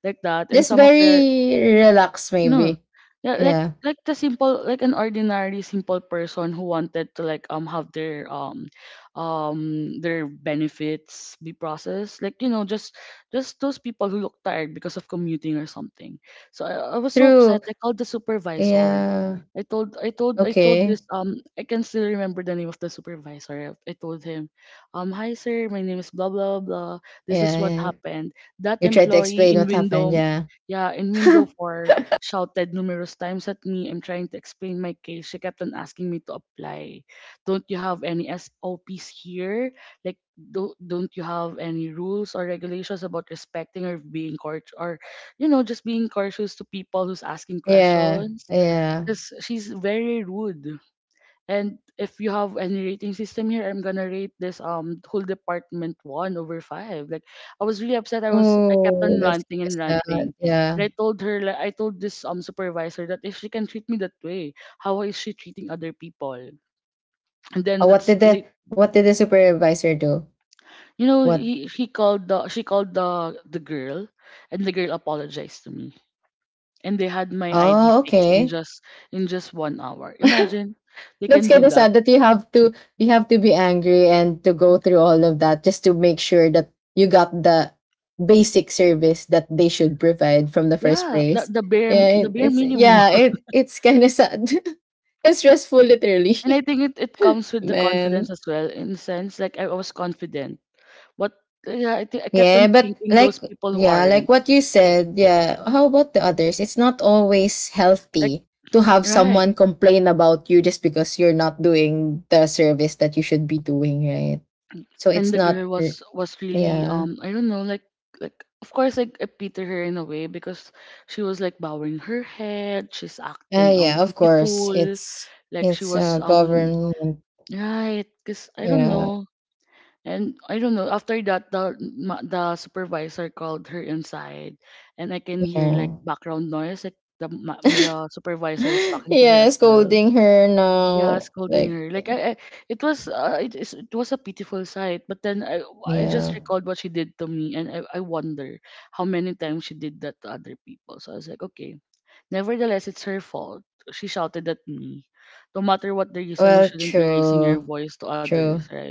[SPEAKER 1] like that. And
[SPEAKER 2] Just
[SPEAKER 1] some of their
[SPEAKER 2] very relaxed,
[SPEAKER 1] no.
[SPEAKER 2] maybe.
[SPEAKER 1] Yeah, like
[SPEAKER 2] Yeah.
[SPEAKER 1] like the simple, like an ordinary simple person who wanted to like um have their um um their benefits be processed, like you know, just just those people who look tired because of commuting or something. So I, I was so upset
[SPEAKER 2] True.
[SPEAKER 1] I called the supervisor.
[SPEAKER 2] Yeah.
[SPEAKER 1] I told I told I told this
[SPEAKER 2] Okay.
[SPEAKER 1] um I can still remember the name of the supervisor. I, I told him, um hi sir, my name is blah blah blah, this is
[SPEAKER 2] Yeah,
[SPEAKER 1] what
[SPEAKER 2] yeah.
[SPEAKER 1] happened. that
[SPEAKER 2] You try to
[SPEAKER 1] employee
[SPEAKER 2] explain
[SPEAKER 1] in
[SPEAKER 2] what happened.
[SPEAKER 1] window
[SPEAKER 2] Yeah.
[SPEAKER 1] yeah in window four shouted numerous times at me. I'm trying to explain my case. She kept on asking me to apply. Don't you have any S O Ps here? Like, do, don't you have any rules or regulations about respecting or being court, or you know, just being cautious to people who's asking
[SPEAKER 2] Yeah.
[SPEAKER 1] questions?
[SPEAKER 2] Yeah.
[SPEAKER 1] Because she's very rude. And if you have any rating system here, I'm gonna rate this um whole department one over five. Like I was really upset. I was I kept
[SPEAKER 2] Oh,
[SPEAKER 1] on
[SPEAKER 2] that's
[SPEAKER 1] ranting and
[SPEAKER 2] kind of sad.
[SPEAKER 1] ranting.
[SPEAKER 2] Yeah.
[SPEAKER 1] And I told her like I told this um supervisor that if she can treat me that way, how is she treating other people? And then
[SPEAKER 2] Oh, what
[SPEAKER 1] that's
[SPEAKER 2] did the
[SPEAKER 1] like
[SPEAKER 2] what did the supervisor do?
[SPEAKER 1] you know,
[SPEAKER 2] What?
[SPEAKER 1] he he called the she called the the girl, and the girl apologized to me. And they had my I D
[SPEAKER 2] Oh,
[SPEAKER 1] fixed in
[SPEAKER 2] okay.
[SPEAKER 1] just in just one hour. Imagine they can
[SPEAKER 2] That's
[SPEAKER 1] do
[SPEAKER 2] kind of
[SPEAKER 1] that.
[SPEAKER 2] sad that you have to you have to be angry and to go through all of that just to make sure that you got the basic service that they should provide from the first
[SPEAKER 1] Yeah, the,
[SPEAKER 2] place.
[SPEAKER 1] the bare
[SPEAKER 2] Yeah,
[SPEAKER 1] the
[SPEAKER 2] it,
[SPEAKER 1] bare
[SPEAKER 2] it's
[SPEAKER 1] minimum.
[SPEAKER 2] yeah, it it's kind of sad and stressful, literally,
[SPEAKER 1] And I think it, it comes with the
[SPEAKER 2] man.
[SPEAKER 1] confidence as well, in a sense, like I was confident. But uh, yeah, I think I kept on
[SPEAKER 2] Yeah, but
[SPEAKER 1] thinking those
[SPEAKER 2] like
[SPEAKER 1] people who
[SPEAKER 2] yeah, like
[SPEAKER 1] aren't.
[SPEAKER 2] what you said. Yeah, how about the others? It's not always
[SPEAKER 1] Like
[SPEAKER 2] healthy to have
[SPEAKER 1] right.
[SPEAKER 2] someone complain about you just because you're not doing the service that you should be doing, right? So
[SPEAKER 1] And
[SPEAKER 2] it's
[SPEAKER 1] the
[SPEAKER 2] not
[SPEAKER 1] girl
[SPEAKER 2] uh,
[SPEAKER 1] was was really
[SPEAKER 2] yeah.
[SPEAKER 1] um I don't know, like like of course, like I pity her in a way because she was like bowing her head, she's
[SPEAKER 2] Uh,
[SPEAKER 1] acting um
[SPEAKER 2] yeah, of course.
[SPEAKER 1] pitiful,
[SPEAKER 2] It's
[SPEAKER 1] like she
[SPEAKER 2] it's
[SPEAKER 1] was
[SPEAKER 2] uh
[SPEAKER 1] um
[SPEAKER 2] government.
[SPEAKER 1] right, because I don't
[SPEAKER 2] Yeah.
[SPEAKER 1] know. And I don't know. After that, the ma- the supervisor called her inside, and I can hear like
[SPEAKER 2] Yeah.
[SPEAKER 1] background noise, like the ma- the supervisor is talking to her
[SPEAKER 2] Yeah,
[SPEAKER 1] as well.
[SPEAKER 2] scolding her
[SPEAKER 1] Yeah,
[SPEAKER 2] now.
[SPEAKER 1] scolding
[SPEAKER 2] Like
[SPEAKER 1] her. Like I, I it was uh, it is it was a pitiful sight. But then I I just
[SPEAKER 2] yeah.
[SPEAKER 1] recalled what she did to me, and I I wonder how many times she did that to other people. So I was like, okay. Nevertheless, it's her fault. She shouted at me. No matter what the reason, you
[SPEAKER 2] Well,
[SPEAKER 1] shouldn't be raising your
[SPEAKER 2] true.
[SPEAKER 1] voice to others,
[SPEAKER 2] True.
[SPEAKER 1] right?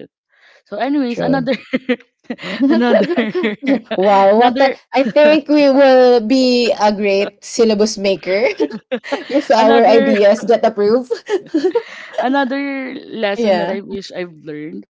[SPEAKER 1] So, anyways, another,
[SPEAKER 2] True.
[SPEAKER 1] another,
[SPEAKER 2] Wow, what a,
[SPEAKER 1] another,
[SPEAKER 2] I think we will be a great syllabus maker if our
[SPEAKER 1] another,
[SPEAKER 2] ideas get approved.
[SPEAKER 1] another lesson that
[SPEAKER 2] Yeah.
[SPEAKER 1] I wish I've learned: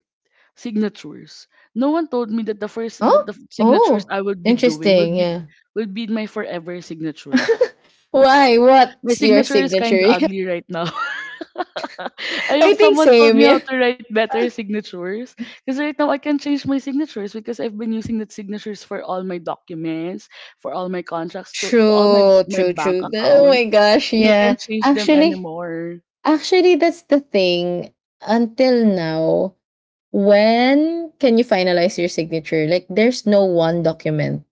[SPEAKER 1] signatures. No one told me that the first that
[SPEAKER 2] Oh,
[SPEAKER 1] the signatures
[SPEAKER 2] oh,
[SPEAKER 1] I would be doing
[SPEAKER 2] interesting.
[SPEAKER 1] would be
[SPEAKER 2] Yeah.
[SPEAKER 1] would be my forever signature.
[SPEAKER 2] Why?
[SPEAKER 1] My
[SPEAKER 2] What's your
[SPEAKER 1] signature is kind
[SPEAKER 2] signature?
[SPEAKER 1] of ugly right now. I
[SPEAKER 2] I
[SPEAKER 1] hope
[SPEAKER 2] think
[SPEAKER 1] someone told
[SPEAKER 2] same,
[SPEAKER 1] me how
[SPEAKER 2] yeah.
[SPEAKER 1] to write better signatures. Because right now I can change my signatures because I've been using that signatures for all my documents, for all my contracts, to, to all my,
[SPEAKER 2] True,
[SPEAKER 1] my
[SPEAKER 2] true,
[SPEAKER 1] bank
[SPEAKER 2] true. Oh
[SPEAKER 1] accounts.
[SPEAKER 2] my gosh,
[SPEAKER 1] And I can't
[SPEAKER 2] yeah.
[SPEAKER 1] change them
[SPEAKER 2] Actually,
[SPEAKER 1] anymore.
[SPEAKER 2] actually that's the thing. Until now, when can you finalize your signature? Like there's no one document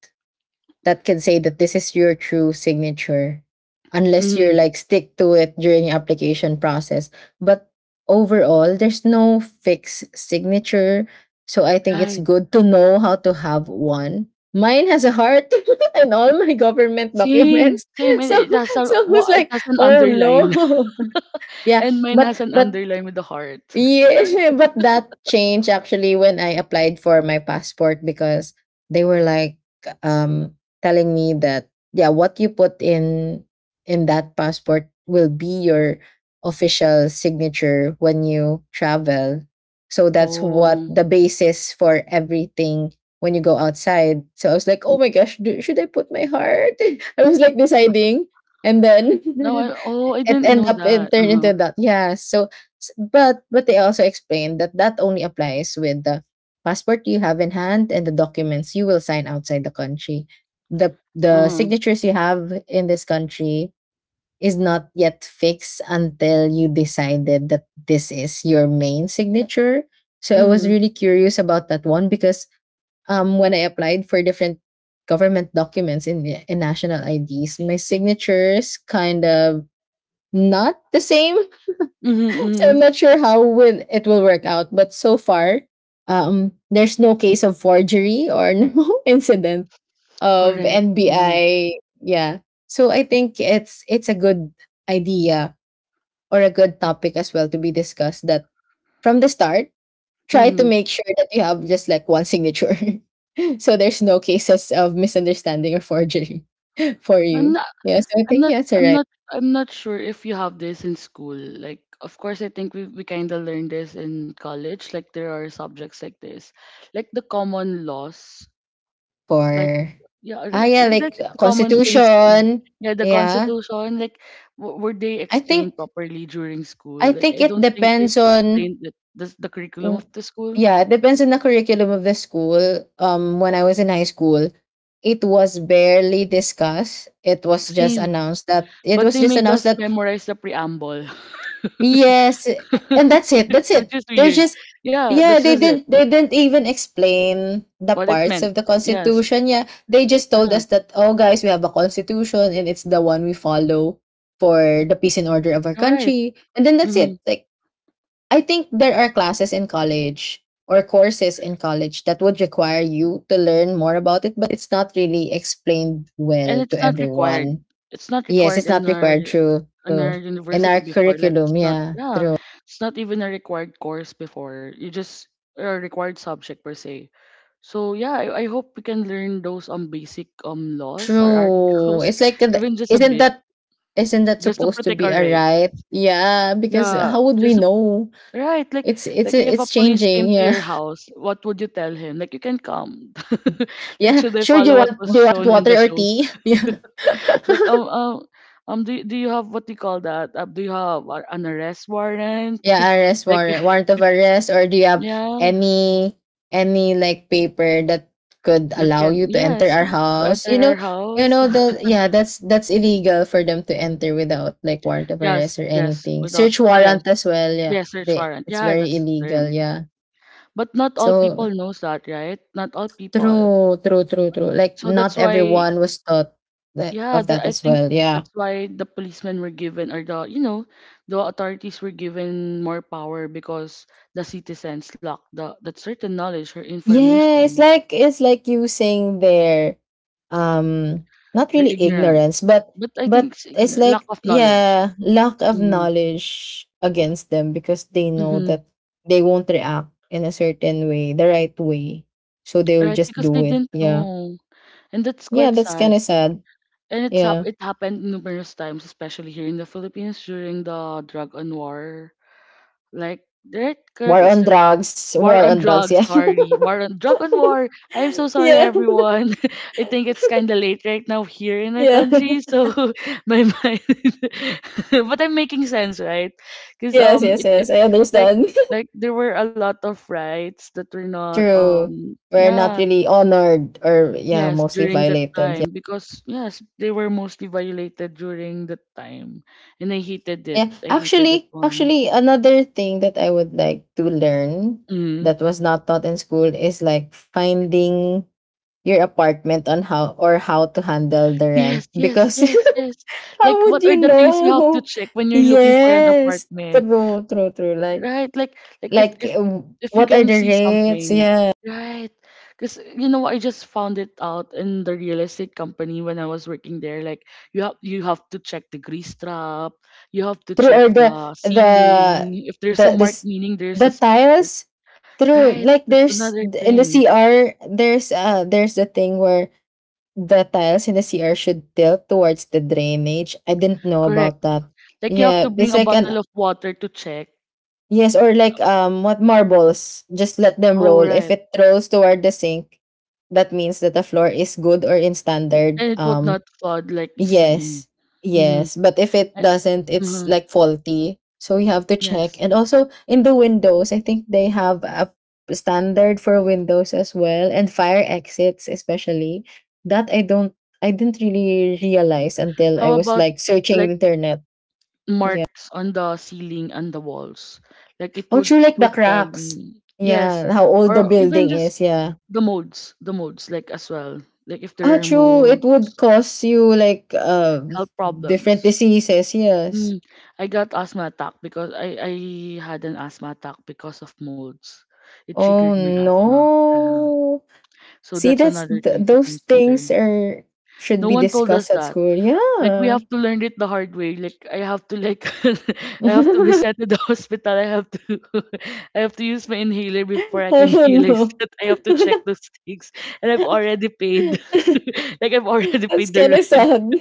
[SPEAKER 2] that can say that this is your true signature unless you're
[SPEAKER 1] Mm,
[SPEAKER 2] like stick to it during your application process, but overall there's no fixed signature, so I think it's
[SPEAKER 1] right.
[SPEAKER 2] good to know how to have one. Mine has a heart and all my government
[SPEAKER 1] Same,
[SPEAKER 2] documents.
[SPEAKER 1] same. And
[SPEAKER 2] so
[SPEAKER 1] it has a
[SPEAKER 2] so who's
[SPEAKER 1] wa- it
[SPEAKER 2] like
[SPEAKER 1] has an
[SPEAKER 2] oh
[SPEAKER 1] underline,
[SPEAKER 2] no yeah,
[SPEAKER 1] and mine
[SPEAKER 2] but
[SPEAKER 1] has an
[SPEAKER 2] but
[SPEAKER 1] underline with a heart.
[SPEAKER 2] yeah, but that changed actually when I applied for my passport because they were like um telling me that yeah, what you put in in that passport will be your official signature when you travel. So that's what
[SPEAKER 1] Oh,
[SPEAKER 2] the basis for everything when you go outside. So I was like, "Oh my gosh, do, should I put my heart?" I was like deciding, and
[SPEAKER 1] no,
[SPEAKER 2] then
[SPEAKER 1] I oh, I
[SPEAKER 2] it
[SPEAKER 1] didn't
[SPEAKER 2] end
[SPEAKER 1] know
[SPEAKER 2] up and
[SPEAKER 1] that.
[SPEAKER 2] turn
[SPEAKER 1] Uh huh.
[SPEAKER 2] into that. Yeah. So S- But but they also explained that that only applies with the passport you have in hand and the documents you will sign outside the country. The
[SPEAKER 1] Uh
[SPEAKER 2] the
[SPEAKER 1] huh.
[SPEAKER 2] signatures you have in this country is not yet fixed until you decided that this is your main signature. So I was
[SPEAKER 1] Mhm.
[SPEAKER 2] really curious about that one because um when I applied for different government documents in in national I Ds, my signatures kind of not the same,
[SPEAKER 1] Mhm.
[SPEAKER 2] so I'm
[SPEAKER 1] Mhm.
[SPEAKER 2] not sure how will it will work out, but so far, um, there's no case of forgery or no incident of
[SPEAKER 1] Correct. Mhm.
[SPEAKER 2] N B I. Yeah. So I think it's it's a good idea or a good topic as well to be discussed that from the start, try to
[SPEAKER 1] Mhm.
[SPEAKER 2] make sure that you have just like one signature. So there's no cases of misunderstanding or forgery for
[SPEAKER 1] I'm
[SPEAKER 2] you.
[SPEAKER 1] not
[SPEAKER 2] Yeah, so I
[SPEAKER 1] I'm
[SPEAKER 2] think
[SPEAKER 1] not
[SPEAKER 2] yeah, it's all
[SPEAKER 1] I'm
[SPEAKER 2] right
[SPEAKER 1] not I'm not sure if you have this in school. Like of course I think we we kind of learned this in college, like there are subjects like this. Like the common laws. Like
[SPEAKER 2] for
[SPEAKER 1] yeah,
[SPEAKER 2] ah
[SPEAKER 1] l-
[SPEAKER 2] yeah,
[SPEAKER 1] like, like
[SPEAKER 2] like uh,
[SPEAKER 1] the common things um,
[SPEAKER 2] constitution.
[SPEAKER 1] yeah, the
[SPEAKER 2] Yeah,
[SPEAKER 1] constitution like w- were they
[SPEAKER 2] I
[SPEAKER 1] explained
[SPEAKER 2] think
[SPEAKER 1] properly during school?
[SPEAKER 2] I
[SPEAKER 1] Like I
[SPEAKER 2] think it
[SPEAKER 1] don't think
[SPEAKER 2] depends
[SPEAKER 1] they've
[SPEAKER 2] on
[SPEAKER 1] explained it, the the curriculum
[SPEAKER 2] w-
[SPEAKER 1] of the school.
[SPEAKER 2] yeah, it depends on the curriculum of the school. Um when I was in high school, it was barely discussed. It was just
[SPEAKER 1] Same.
[SPEAKER 2] announced that it
[SPEAKER 1] But
[SPEAKER 2] was
[SPEAKER 1] they
[SPEAKER 2] just
[SPEAKER 1] made
[SPEAKER 2] announced
[SPEAKER 1] us
[SPEAKER 2] that
[SPEAKER 1] memorize the preamble.
[SPEAKER 2] yes, and that's it. That's
[SPEAKER 1] Which
[SPEAKER 2] it.
[SPEAKER 1] is
[SPEAKER 2] They're
[SPEAKER 1] weird.
[SPEAKER 2] just
[SPEAKER 1] Yeah, that's
[SPEAKER 2] yeah, they
[SPEAKER 1] just it.
[SPEAKER 2] didn't they didn't even explain the
[SPEAKER 1] What it
[SPEAKER 2] parts
[SPEAKER 1] meant.
[SPEAKER 2] of the
[SPEAKER 1] Yes.
[SPEAKER 2] constitution. Yeah. They just told
[SPEAKER 1] Yeah.
[SPEAKER 2] us that oh guys, we have a constitution and it's the one we follow for the peace and order of our
[SPEAKER 1] Right.
[SPEAKER 2] country. And then that's
[SPEAKER 1] hmm
[SPEAKER 2] it. Like I think there are classes in college or courses in college that would require you to learn more about it, but it's not really explained
[SPEAKER 1] And
[SPEAKER 2] well to
[SPEAKER 1] it's not required.
[SPEAKER 2] everyone.
[SPEAKER 1] It's not
[SPEAKER 2] Yes,
[SPEAKER 1] required
[SPEAKER 2] it's
[SPEAKER 1] in
[SPEAKER 2] not
[SPEAKER 1] our
[SPEAKER 2] required. True,
[SPEAKER 1] in
[SPEAKER 2] true.
[SPEAKER 1] our
[SPEAKER 2] In
[SPEAKER 1] university
[SPEAKER 2] our
[SPEAKER 1] before. Like it's
[SPEAKER 2] curriculum,
[SPEAKER 1] not.
[SPEAKER 2] yeah,
[SPEAKER 1] Yeah.
[SPEAKER 2] true,
[SPEAKER 1] It's not even a required course before. You just or a required subject per se. So yeah, I, I hope we can learn those um basic um laws or
[SPEAKER 2] true.
[SPEAKER 1] articles,
[SPEAKER 2] It's like the-
[SPEAKER 1] even just a
[SPEAKER 2] isn't
[SPEAKER 1] bit,
[SPEAKER 2] that isn't that
[SPEAKER 1] just to
[SPEAKER 2] supposed to
[SPEAKER 1] protect
[SPEAKER 2] be
[SPEAKER 1] our
[SPEAKER 2] a
[SPEAKER 1] right.
[SPEAKER 2] right? Yeah, because
[SPEAKER 1] Yeah,
[SPEAKER 2] how would we
[SPEAKER 1] just to
[SPEAKER 2] know?
[SPEAKER 1] right, like
[SPEAKER 2] It's it's
[SPEAKER 1] like if a
[SPEAKER 2] it's
[SPEAKER 1] police came
[SPEAKER 2] changing.
[SPEAKER 1] to
[SPEAKER 2] Yeah,
[SPEAKER 1] your house, what would you tell him? Like you can come. Like
[SPEAKER 2] yeah.
[SPEAKER 1] should they
[SPEAKER 2] Sure, do
[SPEAKER 1] follow
[SPEAKER 2] you
[SPEAKER 1] what
[SPEAKER 2] want
[SPEAKER 1] was
[SPEAKER 2] do you want
[SPEAKER 1] shown in
[SPEAKER 2] water
[SPEAKER 1] the
[SPEAKER 2] or
[SPEAKER 1] shows?
[SPEAKER 2] tea? Yeah.
[SPEAKER 1] Like um um um do do you have what do you call that? Uh, do you have uh, an arrest warrant?
[SPEAKER 2] Yeah, arrest
[SPEAKER 1] like
[SPEAKER 2] warrant, warrant of arrest, or do you have
[SPEAKER 1] yeah,
[SPEAKER 2] any any like paper that could
[SPEAKER 1] that
[SPEAKER 2] allow
[SPEAKER 1] can
[SPEAKER 2] you to enter
[SPEAKER 1] yes
[SPEAKER 2] our
[SPEAKER 1] to
[SPEAKER 2] house? You
[SPEAKER 1] enter our
[SPEAKER 2] know, you
[SPEAKER 1] house.
[SPEAKER 2] know the yeah, that's that's illegal for them to enter without like warrant of
[SPEAKER 1] yes,
[SPEAKER 2] arrest or
[SPEAKER 1] yes,
[SPEAKER 2] anything.
[SPEAKER 1] without
[SPEAKER 2] Search
[SPEAKER 1] yes
[SPEAKER 2] warrant as well. Yeah,
[SPEAKER 1] yes search
[SPEAKER 2] they
[SPEAKER 1] warrant.
[SPEAKER 2] it's
[SPEAKER 1] Yeah,
[SPEAKER 2] very
[SPEAKER 1] that's the
[SPEAKER 2] illegal.
[SPEAKER 1] term.
[SPEAKER 2] Yeah,
[SPEAKER 1] But not all
[SPEAKER 2] so
[SPEAKER 1] people knows that, right? Not all people.
[SPEAKER 2] true, true, true, true. Like
[SPEAKER 1] So
[SPEAKER 2] not
[SPEAKER 1] that's why
[SPEAKER 2] everyone was taught that
[SPEAKER 1] yeah,
[SPEAKER 2] of that
[SPEAKER 1] that I
[SPEAKER 2] as
[SPEAKER 1] think
[SPEAKER 2] well. Yeah.
[SPEAKER 1] that's why the policemen were given, or the you know the authorities were given more power, because the citizens lack the that certain knowledge or
[SPEAKER 2] Yeah, it's
[SPEAKER 1] information,
[SPEAKER 2] like it's like you using their um not
[SPEAKER 1] their
[SPEAKER 2] really
[SPEAKER 1] ignorance.
[SPEAKER 2] ignorance, but
[SPEAKER 1] But I think
[SPEAKER 2] but
[SPEAKER 1] s- you
[SPEAKER 2] it's
[SPEAKER 1] know, lack
[SPEAKER 2] like
[SPEAKER 1] of knowledge.
[SPEAKER 2] yeah, lack of
[SPEAKER 1] Mm-hmm.
[SPEAKER 2] knowledge against them because they know
[SPEAKER 1] Mm-hmm.
[SPEAKER 2] that they won't react in a certain way, the right way. So they will
[SPEAKER 1] Right,
[SPEAKER 2] just
[SPEAKER 1] because they
[SPEAKER 2] do it.
[SPEAKER 1] didn't
[SPEAKER 2] Yeah.
[SPEAKER 1] know, and that's
[SPEAKER 2] Yeah,
[SPEAKER 1] quite
[SPEAKER 2] that's kind
[SPEAKER 1] sad.
[SPEAKER 2] of sad.
[SPEAKER 1] And it's hap-
[SPEAKER 2] Yeah.
[SPEAKER 1] it happened numerous times, especially here in the Philippines during the drug and war. Like, right, correct.
[SPEAKER 2] War
[SPEAKER 1] It's
[SPEAKER 2] on drugs.
[SPEAKER 1] war
[SPEAKER 2] War
[SPEAKER 1] on
[SPEAKER 2] on drugs,
[SPEAKER 1] drugs,
[SPEAKER 2] yeah.
[SPEAKER 1] sorry. War on drug on war. I'm so sorry,
[SPEAKER 2] Yeah.
[SPEAKER 1] everyone. I think it's kind of late right now here in our
[SPEAKER 2] Yeah.
[SPEAKER 1] country, so my mind. but I'm making sense, right? Because
[SPEAKER 2] Yes,
[SPEAKER 1] um,
[SPEAKER 2] yes,
[SPEAKER 1] it,
[SPEAKER 2] yes.
[SPEAKER 1] it
[SPEAKER 2] I
[SPEAKER 1] like
[SPEAKER 2] understand.
[SPEAKER 1] like there were a lot of rights that were not
[SPEAKER 2] True.
[SPEAKER 1] um
[SPEAKER 2] We're not
[SPEAKER 1] yeah
[SPEAKER 2] really honored or yeah,
[SPEAKER 1] yes
[SPEAKER 2] mostly
[SPEAKER 1] during that
[SPEAKER 2] violated. Yeah.
[SPEAKER 1] time, because yes, they were mostly violated during that time, and I hated it.
[SPEAKER 2] Yeah,
[SPEAKER 1] I hated that
[SPEAKER 2] actually,
[SPEAKER 1] one.
[SPEAKER 2] actually, another thing that I would like to learn
[SPEAKER 1] Mm-hmm.
[SPEAKER 2] that was not taught in school is like finding your apartment on how or how to handle the rent
[SPEAKER 1] Yes, yes,
[SPEAKER 2] because
[SPEAKER 1] yes, yes.
[SPEAKER 2] how
[SPEAKER 1] Like,
[SPEAKER 2] would
[SPEAKER 1] what
[SPEAKER 2] you
[SPEAKER 1] are the things you have to
[SPEAKER 2] know?
[SPEAKER 1] check when you're looking for an
[SPEAKER 2] Yes,
[SPEAKER 1] apartment?
[SPEAKER 2] true, true, true. Like,
[SPEAKER 1] Right? Like like if
[SPEAKER 2] like
[SPEAKER 1] if
[SPEAKER 2] uh,
[SPEAKER 1] if you
[SPEAKER 2] what are
[SPEAKER 1] can
[SPEAKER 2] the
[SPEAKER 1] see something.
[SPEAKER 2] rates? Yeah,
[SPEAKER 1] Right. Cuz you know, I just found it out in the real estate company when I was working there. Like, you have you have to check the grease trap, you have to
[SPEAKER 2] true.
[SPEAKER 1] check
[SPEAKER 2] Or
[SPEAKER 1] the
[SPEAKER 2] the the
[SPEAKER 1] ceiling, if there's a
[SPEAKER 2] the
[SPEAKER 1] mark
[SPEAKER 2] this
[SPEAKER 1] meaning there's
[SPEAKER 2] the
[SPEAKER 1] a sp-
[SPEAKER 2] tiles. True.
[SPEAKER 1] right,
[SPEAKER 2] Like
[SPEAKER 1] that's
[SPEAKER 2] there's
[SPEAKER 1] another
[SPEAKER 2] in the
[SPEAKER 1] thing.
[SPEAKER 2] C R there's uh there's a thing where the tiles in the C R should tilt towards the drainage. I didn't know
[SPEAKER 1] Correct.
[SPEAKER 2] about that.
[SPEAKER 1] Like, you have
[SPEAKER 2] Yeah,
[SPEAKER 1] to bring
[SPEAKER 2] it's
[SPEAKER 1] a
[SPEAKER 2] like an
[SPEAKER 1] bottle of water to check.
[SPEAKER 2] yes, or like um what marbles. Just let them
[SPEAKER 1] Oh
[SPEAKER 2] roll. If
[SPEAKER 1] right.
[SPEAKER 2] it rolls toward the sink, that means that the floor is good or in
[SPEAKER 1] And
[SPEAKER 2] standard
[SPEAKER 1] it would
[SPEAKER 2] um
[SPEAKER 1] not flood like easily.
[SPEAKER 2] yes.
[SPEAKER 1] Mm-hmm.
[SPEAKER 2] Yes. But if it
[SPEAKER 1] And
[SPEAKER 2] doesn't, it's
[SPEAKER 1] mm-hmm.
[SPEAKER 2] like faulty. So we have to check.
[SPEAKER 1] Yes,
[SPEAKER 2] And also in the windows, I think they have a standard for windows as well and fire exits especially. That I don't I didn't really realize until I
[SPEAKER 1] how
[SPEAKER 2] was
[SPEAKER 1] about
[SPEAKER 2] like searching the
[SPEAKER 1] like
[SPEAKER 2] internet. Yeah.
[SPEAKER 1] marks on the ceiling and the walls? Like, it
[SPEAKER 2] Oh
[SPEAKER 1] would
[SPEAKER 2] true,
[SPEAKER 1] it
[SPEAKER 2] like the
[SPEAKER 1] would tell
[SPEAKER 2] cracks.
[SPEAKER 1] you yes,
[SPEAKER 2] Yeah. How old the
[SPEAKER 1] or even
[SPEAKER 2] building
[SPEAKER 1] just
[SPEAKER 2] is, yeah.
[SPEAKER 1] the modes, the modes like as well. Like, if
[SPEAKER 2] Ah,
[SPEAKER 1] there are
[SPEAKER 2] true. It
[SPEAKER 1] modes,
[SPEAKER 2] would cause you like uh
[SPEAKER 1] health
[SPEAKER 2] different
[SPEAKER 1] problems.
[SPEAKER 2] diseases, yes.
[SPEAKER 1] Mm, I got asthma attack because I I had an asthma attack because of modes. It triggered
[SPEAKER 2] Oh
[SPEAKER 1] my asthma. Uh,
[SPEAKER 2] no.
[SPEAKER 1] so
[SPEAKER 2] See,
[SPEAKER 1] that's
[SPEAKER 2] that's
[SPEAKER 1] another
[SPEAKER 2] th-
[SPEAKER 1] thing to
[SPEAKER 2] those
[SPEAKER 1] consider.
[SPEAKER 2] things are should
[SPEAKER 1] No
[SPEAKER 2] be
[SPEAKER 1] one told us
[SPEAKER 2] discussed at
[SPEAKER 1] that.
[SPEAKER 2] school.
[SPEAKER 1] Like, we
[SPEAKER 2] Yeah.
[SPEAKER 1] have to learn it the hard way. Like, I have to like I have to be sent to the hospital. I have to I have to use my inhaler before I can
[SPEAKER 2] I don't
[SPEAKER 1] realize
[SPEAKER 2] know.
[SPEAKER 1] that I have to check those things. And I've already paid. Like, I've already
[SPEAKER 2] That's
[SPEAKER 1] paid the
[SPEAKER 2] kind of
[SPEAKER 1] rent.
[SPEAKER 2] sad.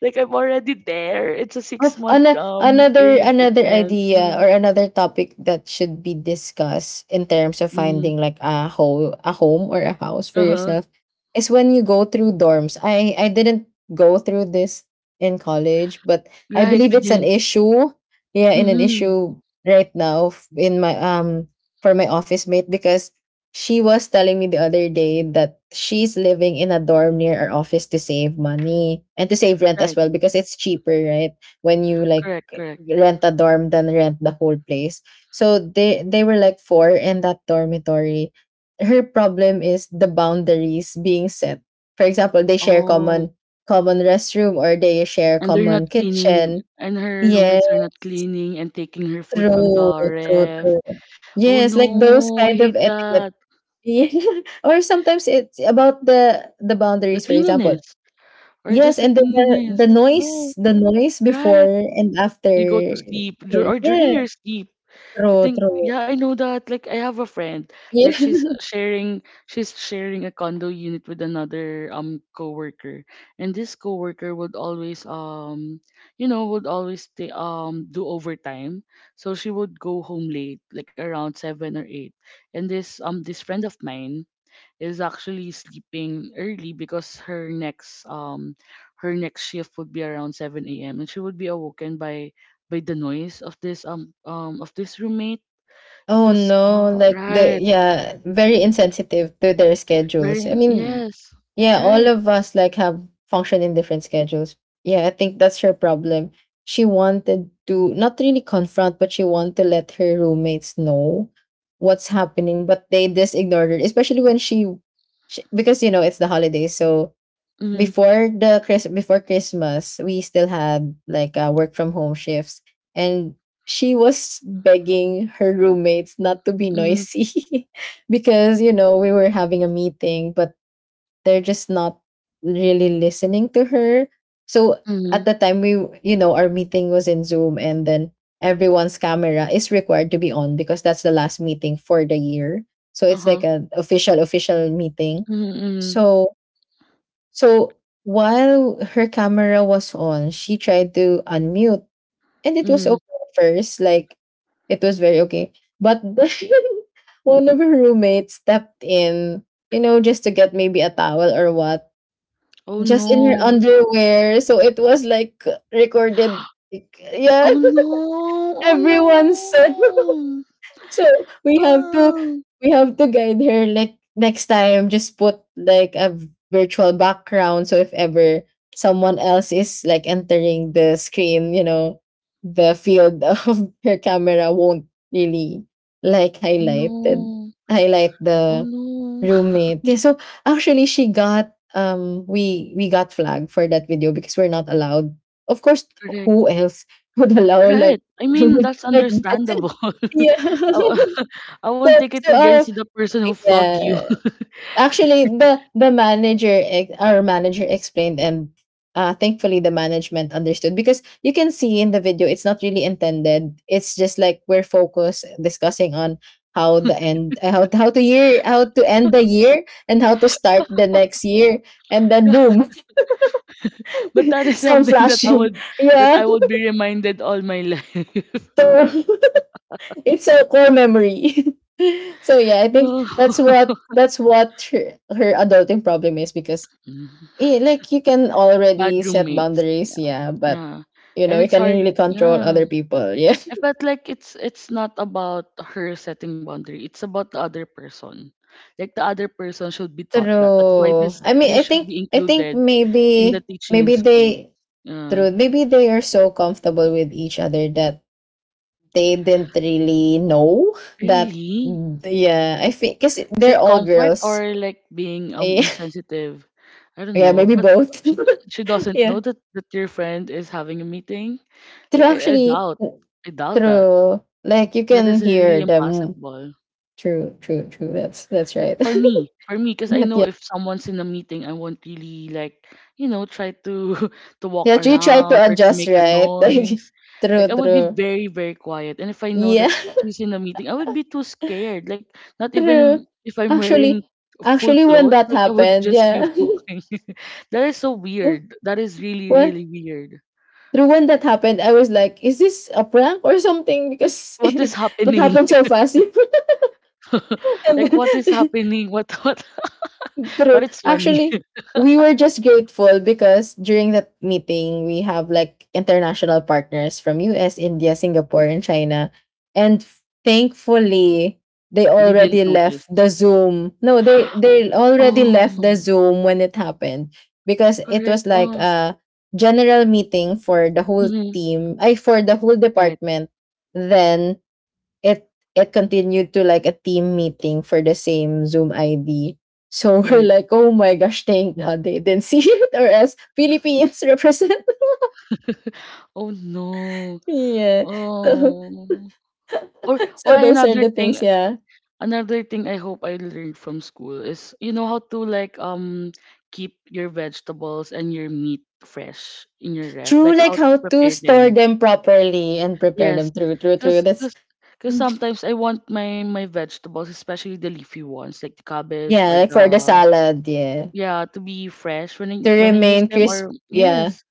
[SPEAKER 1] Like, I'm already there. It's a
[SPEAKER 2] Oh,
[SPEAKER 1] six month
[SPEAKER 2] ana-
[SPEAKER 1] um
[SPEAKER 2] another
[SPEAKER 1] period of
[SPEAKER 2] another
[SPEAKER 1] rent.
[SPEAKER 2] idea
[SPEAKER 1] Uh-huh.
[SPEAKER 2] or another topic that should be discussed in terms of
[SPEAKER 1] Hmm.
[SPEAKER 2] finding like a home a home or a house for
[SPEAKER 1] Uh-huh.
[SPEAKER 2] yourself is when you go through dorms. I I didn't go through this in college, but I
[SPEAKER 1] Right,
[SPEAKER 2] believe
[SPEAKER 1] we
[SPEAKER 2] it's an
[SPEAKER 1] didn't.
[SPEAKER 2] issue. Yeah, in an
[SPEAKER 1] Mm-hmm.
[SPEAKER 2] issue right now f- in my um for my office mate because she was telling me the other day that she's living in a dorm near our office to save money and to save rent
[SPEAKER 1] Right.
[SPEAKER 2] as well because it's cheaper, right? When you like
[SPEAKER 1] Correct, correct.
[SPEAKER 2] rent a dorm then rent the whole place, so they they were like four in that dormitory. Her problem is the boundaries being set. For example, they share
[SPEAKER 1] Oh.
[SPEAKER 2] common common restroom, or they share
[SPEAKER 1] And they're not
[SPEAKER 2] common
[SPEAKER 1] cleaning,
[SPEAKER 2] kitchen.
[SPEAKER 1] and her
[SPEAKER 2] Yeah,
[SPEAKER 1] roommates are not cleaning and taking her food from the
[SPEAKER 2] true true
[SPEAKER 1] ref.
[SPEAKER 2] true
[SPEAKER 1] Oh
[SPEAKER 2] Yes, like those
[SPEAKER 1] no, I
[SPEAKER 2] kind
[SPEAKER 1] hate
[SPEAKER 2] of etiquette.
[SPEAKER 1] that.
[SPEAKER 2] Yeah. Or sometimes it's about the the
[SPEAKER 1] The
[SPEAKER 2] boundaries, for example,
[SPEAKER 1] cleanliness, or
[SPEAKER 2] yes,
[SPEAKER 1] just the
[SPEAKER 2] and the,
[SPEAKER 1] cleanliness.
[SPEAKER 2] the the noise,
[SPEAKER 1] Oh,
[SPEAKER 2] the noise before
[SPEAKER 1] right.
[SPEAKER 2] and after.
[SPEAKER 1] You go to sleep dur- or
[SPEAKER 2] Yeah.
[SPEAKER 1] during your sleep. I
[SPEAKER 2] True,
[SPEAKER 1] think
[SPEAKER 2] true.
[SPEAKER 1] yeah, I know that. Like, I have a friend, like
[SPEAKER 2] Yeah.
[SPEAKER 1] she's sharing she's sharing a condo unit with another um coworker, and this coworker would always um you know would always ta- um do overtime, so she would go home late, like around seven or eight, and this um this friend of mine is actually sleeping early, because her next um her next shift would be around seven a m and she would be awoken by by the noise of this um um of this roommate. It
[SPEAKER 2] Oh
[SPEAKER 1] was oh,
[SPEAKER 2] no, like
[SPEAKER 1] right.
[SPEAKER 2] the yeah, very insensitive to their schedules.
[SPEAKER 1] Very,
[SPEAKER 2] I mean,
[SPEAKER 1] yes.
[SPEAKER 2] yeah, all
[SPEAKER 1] Right.
[SPEAKER 2] of us like have function in different schedules. Yeah, I think that's her problem. She wanted to not really confront, but she wanted to let her roommates know what's happening, but they just ignored her, especially when she, she because you know it's the holidays, so
[SPEAKER 1] Mhm.
[SPEAKER 2] before the Chris before Christmas, we still had like uh, work from home shifts, and she was begging her roommates not to be
[SPEAKER 1] Mhm.
[SPEAKER 2] noisy because you know we were having a meeting, but they're just not really listening to her. So
[SPEAKER 1] Mhm.
[SPEAKER 2] at the time we you know our meeting was in Zoom, and then everyone's camera is required to be on because that's the last meeting for the year. So it's
[SPEAKER 1] Uh-huh.
[SPEAKER 2] like an official official meeting.
[SPEAKER 1] Mhm. Mhm.
[SPEAKER 2] So so while her camera was on, she tried to unmute, and it was
[SPEAKER 1] Mhm.
[SPEAKER 2] okay at first. Like it was very okay, but then one of her roommates stepped in, you know, just to get maybe a towel or what,
[SPEAKER 1] Oh
[SPEAKER 2] just in her
[SPEAKER 1] no.
[SPEAKER 2] underwear. So it was like recorded. like, Yeah,
[SPEAKER 1] Oh no. Oh
[SPEAKER 2] everyone
[SPEAKER 1] no.
[SPEAKER 2] said so we have to
[SPEAKER 1] Oh,
[SPEAKER 2] we have to guide her like next time just put like a v- virtual background, so if ever someone else is like entering the screen, you know, the field of her camera won't really like
[SPEAKER 1] oh
[SPEAKER 2] highlighted
[SPEAKER 1] no.
[SPEAKER 2] highlight
[SPEAKER 1] Oh
[SPEAKER 2] the
[SPEAKER 1] no.
[SPEAKER 2] roommate, yeah. So actually she got um we we got flagged for that video because we're not allowed, of course.
[SPEAKER 1] Correct.
[SPEAKER 2] Who else would allow like
[SPEAKER 1] Right. I mean,
[SPEAKER 2] like
[SPEAKER 1] that's
[SPEAKER 2] that?
[SPEAKER 1] understandable.
[SPEAKER 2] Yeah.
[SPEAKER 1] I, I
[SPEAKER 2] so
[SPEAKER 1] won't take it
[SPEAKER 2] so our
[SPEAKER 1] against the person who flogged you.
[SPEAKER 2] yeah. Actually the the manager ex- our manager explained, and uh thankfully the management understood, because you can see in the video it's not really intended. It's just like we're focused discussing on how the end uh, how how to year how to end the year and how to start the next year, and then boom.
[SPEAKER 1] But that is
[SPEAKER 2] Some
[SPEAKER 1] something that I
[SPEAKER 2] flashing,
[SPEAKER 1] would that
[SPEAKER 2] yeah.
[SPEAKER 1] I would be reminded all my life.
[SPEAKER 2] So it's a core memory. So yeah, I think
[SPEAKER 1] No.
[SPEAKER 2] that's what that's what her, her adulting problem is, because eh, like you can
[SPEAKER 1] Bad
[SPEAKER 2] already set
[SPEAKER 1] roommates.
[SPEAKER 2] boundaries,
[SPEAKER 1] Yeah.
[SPEAKER 2] yeah, but
[SPEAKER 1] Yeah.
[SPEAKER 2] you know,
[SPEAKER 1] And
[SPEAKER 2] you
[SPEAKER 1] it's
[SPEAKER 2] can
[SPEAKER 1] hard.
[SPEAKER 2] really control
[SPEAKER 1] Yeah.
[SPEAKER 2] other people. Yeah.
[SPEAKER 1] I felt like it's it's not about her setting boundary. It's about the other person. Like, the other person should be taught that. That's why
[SPEAKER 2] True.
[SPEAKER 1] this
[SPEAKER 2] I mean,
[SPEAKER 1] this
[SPEAKER 2] I
[SPEAKER 1] should
[SPEAKER 2] think
[SPEAKER 1] be
[SPEAKER 2] I think
[SPEAKER 1] included in the
[SPEAKER 2] maybe
[SPEAKER 1] teaching in
[SPEAKER 2] maybe
[SPEAKER 1] school.
[SPEAKER 2] they
[SPEAKER 1] Yeah.
[SPEAKER 2] true, maybe they are so comfortable with each other that they didn't really know that.
[SPEAKER 1] Really?
[SPEAKER 2] Yeah, I think cuz
[SPEAKER 1] Is
[SPEAKER 2] they're
[SPEAKER 1] it
[SPEAKER 2] all
[SPEAKER 1] comfort
[SPEAKER 2] girls.
[SPEAKER 1] or like being um
[SPEAKER 2] Yeah,
[SPEAKER 1] insensitive? I don't
[SPEAKER 2] yeah,
[SPEAKER 1] know.
[SPEAKER 2] maybe
[SPEAKER 1] But
[SPEAKER 2] both.
[SPEAKER 1] she she doesn't know that that your friend is having a meeting.
[SPEAKER 2] True,
[SPEAKER 1] Like, I, I
[SPEAKER 2] actually,
[SPEAKER 1] doubt.
[SPEAKER 2] w-
[SPEAKER 1] I doubt that.
[SPEAKER 2] True. Like you
[SPEAKER 1] That is
[SPEAKER 2] can
[SPEAKER 1] really
[SPEAKER 2] hear them.
[SPEAKER 1] impossible.
[SPEAKER 2] True, true, true. That's that's right.
[SPEAKER 1] For me, for me, because I
[SPEAKER 2] But
[SPEAKER 1] know
[SPEAKER 2] yeah,
[SPEAKER 1] if someone's in a meeting, I won't really like, you know, try to to walk
[SPEAKER 2] yeah. You try to
[SPEAKER 1] around or to
[SPEAKER 2] adjust,
[SPEAKER 1] make a
[SPEAKER 2] right?
[SPEAKER 1] noise. Like,
[SPEAKER 2] Like true,
[SPEAKER 1] I would be
[SPEAKER 2] true.
[SPEAKER 1] very, very quiet. And if I know
[SPEAKER 2] Yeah,
[SPEAKER 1] that she's in a meeting, I would be too scared. Like, not even
[SPEAKER 2] true.
[SPEAKER 1] if I'm wearing
[SPEAKER 2] Actually,
[SPEAKER 1] full
[SPEAKER 2] actually, when
[SPEAKER 1] clothes,
[SPEAKER 2] that
[SPEAKER 1] like I would
[SPEAKER 2] happened,
[SPEAKER 1] just be
[SPEAKER 2] yeah.
[SPEAKER 1] walking. That is so weird. That is really,
[SPEAKER 2] when
[SPEAKER 1] really weird.
[SPEAKER 2] through when that happened, I was like, "Is this a prank or something?" Because
[SPEAKER 1] What is
[SPEAKER 2] it
[SPEAKER 1] happening?
[SPEAKER 2] happened so fast. You
[SPEAKER 1] Like,
[SPEAKER 2] pretend.
[SPEAKER 1] what is happening? What what? But
[SPEAKER 2] True.
[SPEAKER 1] it's funny.
[SPEAKER 2] Actually, we were just grateful because during that meeting, we have like international partners from U S, India, Singapore, and China. And thankfully, they
[SPEAKER 1] They didn't
[SPEAKER 2] already
[SPEAKER 1] notice.
[SPEAKER 2] left the Zoom. No, they they already
[SPEAKER 1] Oh,
[SPEAKER 2] left the Zoom when it happened, because it
[SPEAKER 1] correct.
[SPEAKER 2] was like
[SPEAKER 1] Oh.
[SPEAKER 2] a general meeting for the whole
[SPEAKER 1] Mhm.
[SPEAKER 2] team, I for the whole
[SPEAKER 1] Right,
[SPEAKER 2] department. Then it it continued to like a team meeting for the same Zoom I D. So we're
[SPEAKER 1] right.
[SPEAKER 2] like, oh my gosh, thank God they didn't see it, or else Philippines represent.
[SPEAKER 1] Oh, no.
[SPEAKER 2] Yeah. So,
[SPEAKER 1] Oh. Or
[SPEAKER 2] so
[SPEAKER 1] or
[SPEAKER 2] those are
[SPEAKER 1] another
[SPEAKER 2] the things,
[SPEAKER 1] thing
[SPEAKER 2] yeah.
[SPEAKER 1] another thing I hope I learned from school is, you know, how to like um keep your vegetables and your meat fresh in your ref,
[SPEAKER 2] True,
[SPEAKER 1] like
[SPEAKER 2] like
[SPEAKER 1] how to
[SPEAKER 2] how to
[SPEAKER 1] prepare
[SPEAKER 2] store
[SPEAKER 1] them.
[SPEAKER 2] them properly and prepare
[SPEAKER 1] Yes.
[SPEAKER 2] them. True, true, true.
[SPEAKER 1] Cause,
[SPEAKER 2] That's
[SPEAKER 1] cause cause
[SPEAKER 2] Mm.
[SPEAKER 1] sometimes I want my my vegetables, especially the leafy ones, like the cabbage,
[SPEAKER 2] Yeah,
[SPEAKER 1] or
[SPEAKER 2] like for the
[SPEAKER 1] the
[SPEAKER 2] salad, yeah.
[SPEAKER 1] yeah, to be fresh when I
[SPEAKER 2] To
[SPEAKER 1] when I use
[SPEAKER 2] remain
[SPEAKER 1] them,
[SPEAKER 2] crisp,
[SPEAKER 1] or
[SPEAKER 2] yeah.
[SPEAKER 1] yes.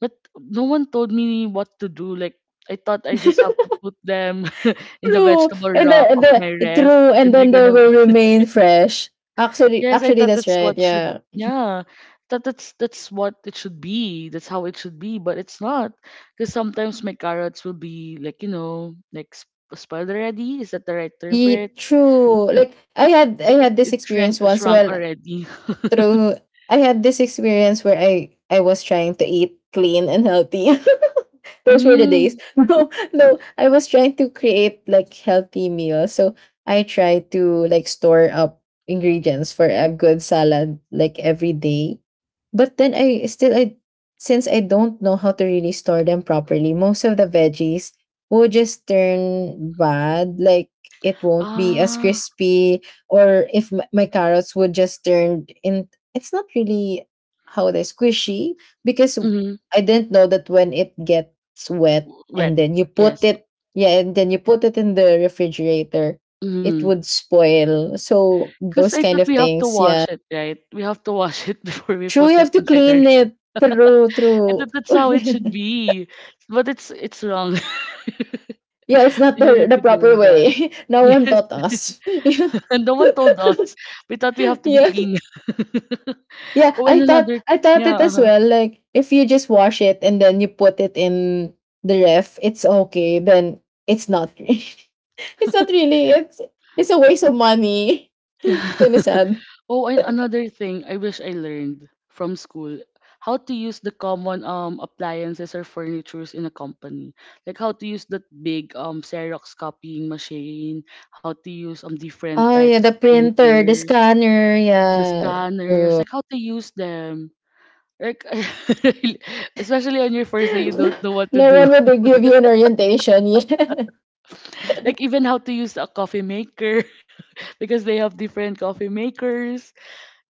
[SPEAKER 1] But no one told me what to do. Like, I thought I just have to put them in the
[SPEAKER 2] True.
[SPEAKER 1] vegetable
[SPEAKER 2] And
[SPEAKER 1] rack of
[SPEAKER 2] the,
[SPEAKER 1] my
[SPEAKER 2] the
[SPEAKER 1] ref,
[SPEAKER 2] true,
[SPEAKER 1] and
[SPEAKER 2] and
[SPEAKER 1] they're
[SPEAKER 2] then they
[SPEAKER 1] gonna.
[SPEAKER 2] will remain fresh. Actually,
[SPEAKER 1] Yes, I
[SPEAKER 2] actually,
[SPEAKER 1] thought
[SPEAKER 2] that's
[SPEAKER 1] that's what
[SPEAKER 2] right.
[SPEAKER 1] should.
[SPEAKER 2] Yeah.
[SPEAKER 1] Yeah, that that's that's what it should be. That's how it should be, but it's not. Because sometimes my carrots will be like, you know, like sp- spoiled already. Is that the right term for
[SPEAKER 2] Ye
[SPEAKER 1] it?
[SPEAKER 2] true. Like I had
[SPEAKER 1] Like,
[SPEAKER 2] I
[SPEAKER 1] it,
[SPEAKER 2] had this
[SPEAKER 1] it shrank
[SPEAKER 2] experience once
[SPEAKER 1] shrunk
[SPEAKER 2] well
[SPEAKER 1] already.
[SPEAKER 2] through I had this experience where I I was trying to eat clean and healthy. Those were the days.
[SPEAKER 1] Mm.
[SPEAKER 2] No, no, I was trying to create like healthy meals. So I try to like store up ingredients for a good salad like every day. But then I still I since I don't know how to really store them properly, most of the veggies will just turn bad. Like it won't be as
[SPEAKER 1] Ah.
[SPEAKER 2] crispy, or if my, my carrots would just turn in it's not really how they're squishy, because
[SPEAKER 1] Mm.
[SPEAKER 2] I didn't know that when it gets sweat and
[SPEAKER 1] Wet.
[SPEAKER 2] then you put
[SPEAKER 1] Yes.
[SPEAKER 2] it yeah and then you put it in the refrigerator, it
[SPEAKER 1] Mm-hmm.
[SPEAKER 2] would spoil. So
[SPEAKER 1] Because
[SPEAKER 2] those
[SPEAKER 1] I thought
[SPEAKER 2] kind of
[SPEAKER 1] we have to
[SPEAKER 2] things, yeah.
[SPEAKER 1] wash it, right? We have to wash it before we
[SPEAKER 2] True,
[SPEAKER 1] put
[SPEAKER 2] you
[SPEAKER 1] it
[SPEAKER 2] have to
[SPEAKER 1] inside our
[SPEAKER 2] clean
[SPEAKER 1] ship.
[SPEAKER 2] it. True,
[SPEAKER 1] I
[SPEAKER 2] true.
[SPEAKER 1] thought that's how it should be. But it's it's wrong.
[SPEAKER 2] Yeah, it's not
[SPEAKER 1] We
[SPEAKER 2] the,
[SPEAKER 1] shouldn't
[SPEAKER 2] the
[SPEAKER 1] be
[SPEAKER 2] proper
[SPEAKER 1] doing that.
[SPEAKER 2] way. No one
[SPEAKER 1] Yes.
[SPEAKER 2] taught us. Yeah.
[SPEAKER 1] And no one told us. We thought we have to be
[SPEAKER 2] Yeah,
[SPEAKER 1] clean.
[SPEAKER 2] yeah,
[SPEAKER 1] Oh,
[SPEAKER 2] i
[SPEAKER 1] and
[SPEAKER 2] thought
[SPEAKER 1] another
[SPEAKER 2] i thought it as
[SPEAKER 1] yeah,
[SPEAKER 2] well, like if you just wash it and then you put it in the ref, it's okay then. It's not. It's not really. It's it's a waste of money.
[SPEAKER 1] uh-huh.
[SPEAKER 2] Kinda sad.
[SPEAKER 1] Oh, and another thing I wish I learned from school, how to use the common um appliances or furnitures in a company. Like, how to use that big um Xerox copying machine, how to use um different
[SPEAKER 2] Oh yeah,
[SPEAKER 1] types of
[SPEAKER 2] the printer, the
[SPEAKER 1] printers,
[SPEAKER 2] scanner,
[SPEAKER 1] the
[SPEAKER 2] yeah.
[SPEAKER 1] scanners,
[SPEAKER 2] True.
[SPEAKER 1] like how to use them. Like especially on your first day you don't know what to
[SPEAKER 2] No
[SPEAKER 1] do.
[SPEAKER 2] one would give you an orientation. Yeah.
[SPEAKER 1] Like, even how to use a coffee maker because they have different coffee makers.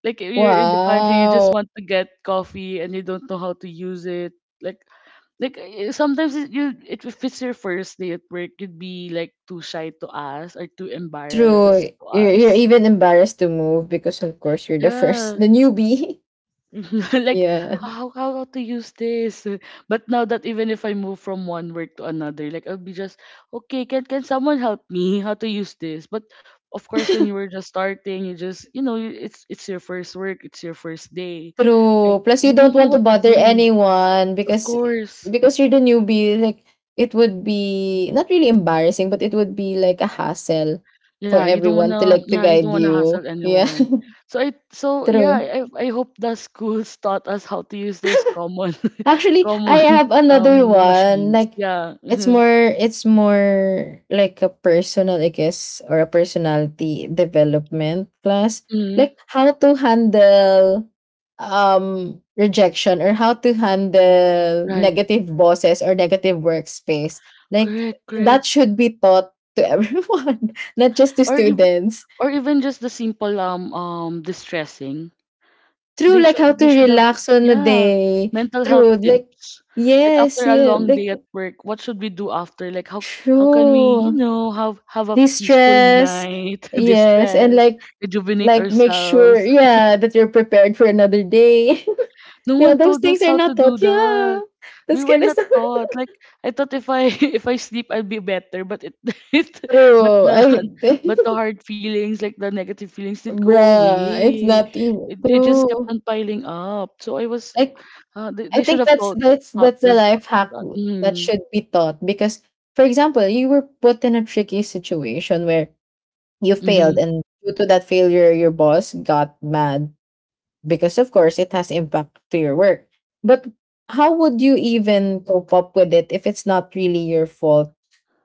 [SPEAKER 1] Like, if you're in the pantry, you just
[SPEAKER 2] Wow.
[SPEAKER 1] want to get coffee and you don't know how to use it. Like like eh, sometimes it, you it if it's your first day at work, you'd be like too shy to ask or too embarrassed
[SPEAKER 2] True.
[SPEAKER 1] to
[SPEAKER 2] You're, you're
[SPEAKER 1] ask.
[SPEAKER 2] even embarrassed to move, because of course you're the first
[SPEAKER 1] Yeah.
[SPEAKER 2] the newbie.
[SPEAKER 1] Like, how how to use this, but now that even if I move from one work to another, like, I'll be just okay, can can someone help me how to use this? But of course when
[SPEAKER 2] Yeah.
[SPEAKER 1] you were just starting, you just, you know, you- it's it's your first work, it's your first day, like
[SPEAKER 2] True. Plus,
[SPEAKER 1] you
[SPEAKER 2] you don't
[SPEAKER 1] don't know
[SPEAKER 2] want to
[SPEAKER 1] what to
[SPEAKER 2] bother
[SPEAKER 1] do,
[SPEAKER 2] anyone
[SPEAKER 1] of
[SPEAKER 2] because
[SPEAKER 1] course.
[SPEAKER 2] because you're the newbie. Like it would be not really embarrassing, but it would be like a hassle
[SPEAKER 1] Yeah,
[SPEAKER 2] for
[SPEAKER 1] you don't want
[SPEAKER 2] everyone to
[SPEAKER 1] to
[SPEAKER 2] like to
[SPEAKER 1] yeah, you don't
[SPEAKER 2] guide
[SPEAKER 1] want to hassle
[SPEAKER 2] you. Yeah,
[SPEAKER 1] anyone. so i so
[SPEAKER 2] true.
[SPEAKER 1] yeah, i i hope the schools taught us how to use those common
[SPEAKER 2] Actually, I
[SPEAKER 1] common
[SPEAKER 2] have another
[SPEAKER 1] um
[SPEAKER 2] one.
[SPEAKER 1] machines
[SPEAKER 2] Like
[SPEAKER 1] yeah.
[SPEAKER 2] it's more it's more like a personal, I guess, or a personality development class.
[SPEAKER 1] Mhm.
[SPEAKER 2] Like how to handle um rejection, or how to handle
[SPEAKER 1] Right.
[SPEAKER 2] negative bosses or negative workspace. Like
[SPEAKER 1] Correct,
[SPEAKER 2] that
[SPEAKER 1] correct.
[SPEAKER 2] should be taught to everyone, not just to
[SPEAKER 1] Or ev-
[SPEAKER 2] students.
[SPEAKER 1] or even just the simple um um distressing.
[SPEAKER 2] True,
[SPEAKER 1] They
[SPEAKER 2] like
[SPEAKER 1] should
[SPEAKER 2] how to
[SPEAKER 1] they should have
[SPEAKER 2] relax on the
[SPEAKER 1] yeah,
[SPEAKER 2] day,
[SPEAKER 1] mental health
[SPEAKER 2] true, like
[SPEAKER 1] tips. Like,
[SPEAKER 2] yes,
[SPEAKER 1] after a
[SPEAKER 2] yeah,
[SPEAKER 1] long day
[SPEAKER 2] like
[SPEAKER 1] at work, what should we do after? Like, how how can we, you
[SPEAKER 2] true,
[SPEAKER 1] know, have have a peaceful
[SPEAKER 2] de-stress.
[SPEAKER 1] night,
[SPEAKER 2] Yes, and
[SPEAKER 1] distress,
[SPEAKER 2] like
[SPEAKER 1] rejuvenate
[SPEAKER 2] like make sure
[SPEAKER 1] ourselves.
[SPEAKER 2] yeah that you're prepared for another day.
[SPEAKER 1] No
[SPEAKER 2] Yeah,
[SPEAKER 1] one
[SPEAKER 2] those
[SPEAKER 1] told us
[SPEAKER 2] things are
[SPEAKER 1] how to
[SPEAKER 2] not
[SPEAKER 1] do
[SPEAKER 2] taught,
[SPEAKER 1] that.
[SPEAKER 2] yeah.
[SPEAKER 1] We
[SPEAKER 2] That's
[SPEAKER 1] were
[SPEAKER 2] kind of
[SPEAKER 1] not
[SPEAKER 2] stuff,
[SPEAKER 1] taught. Like, I thought if I if I sleep I'll be better, but it, it but
[SPEAKER 2] true
[SPEAKER 1] the
[SPEAKER 2] I
[SPEAKER 1] but the hard feelings, like the negative feelings didn't go
[SPEAKER 2] bruh it's
[SPEAKER 1] away.
[SPEAKER 2] not even
[SPEAKER 1] It, it just kept
[SPEAKER 2] true.
[SPEAKER 1] on piling up. So I was
[SPEAKER 2] Like
[SPEAKER 1] uh, they,
[SPEAKER 2] i
[SPEAKER 1] they should
[SPEAKER 2] think
[SPEAKER 1] have
[SPEAKER 2] that's
[SPEAKER 1] taught
[SPEAKER 2] that's
[SPEAKER 1] taught
[SPEAKER 2] that's a
[SPEAKER 1] us
[SPEAKER 2] life hack
[SPEAKER 1] that.
[SPEAKER 2] w- that
[SPEAKER 1] Mm,
[SPEAKER 2] should be taught, because for example you were put in a tricky situation where you
[SPEAKER 1] mm-hmm.
[SPEAKER 2] failed, and due to that failure your boss got mad, because of course it has impact to your work. But how would you even cope up with it if it's not really your fault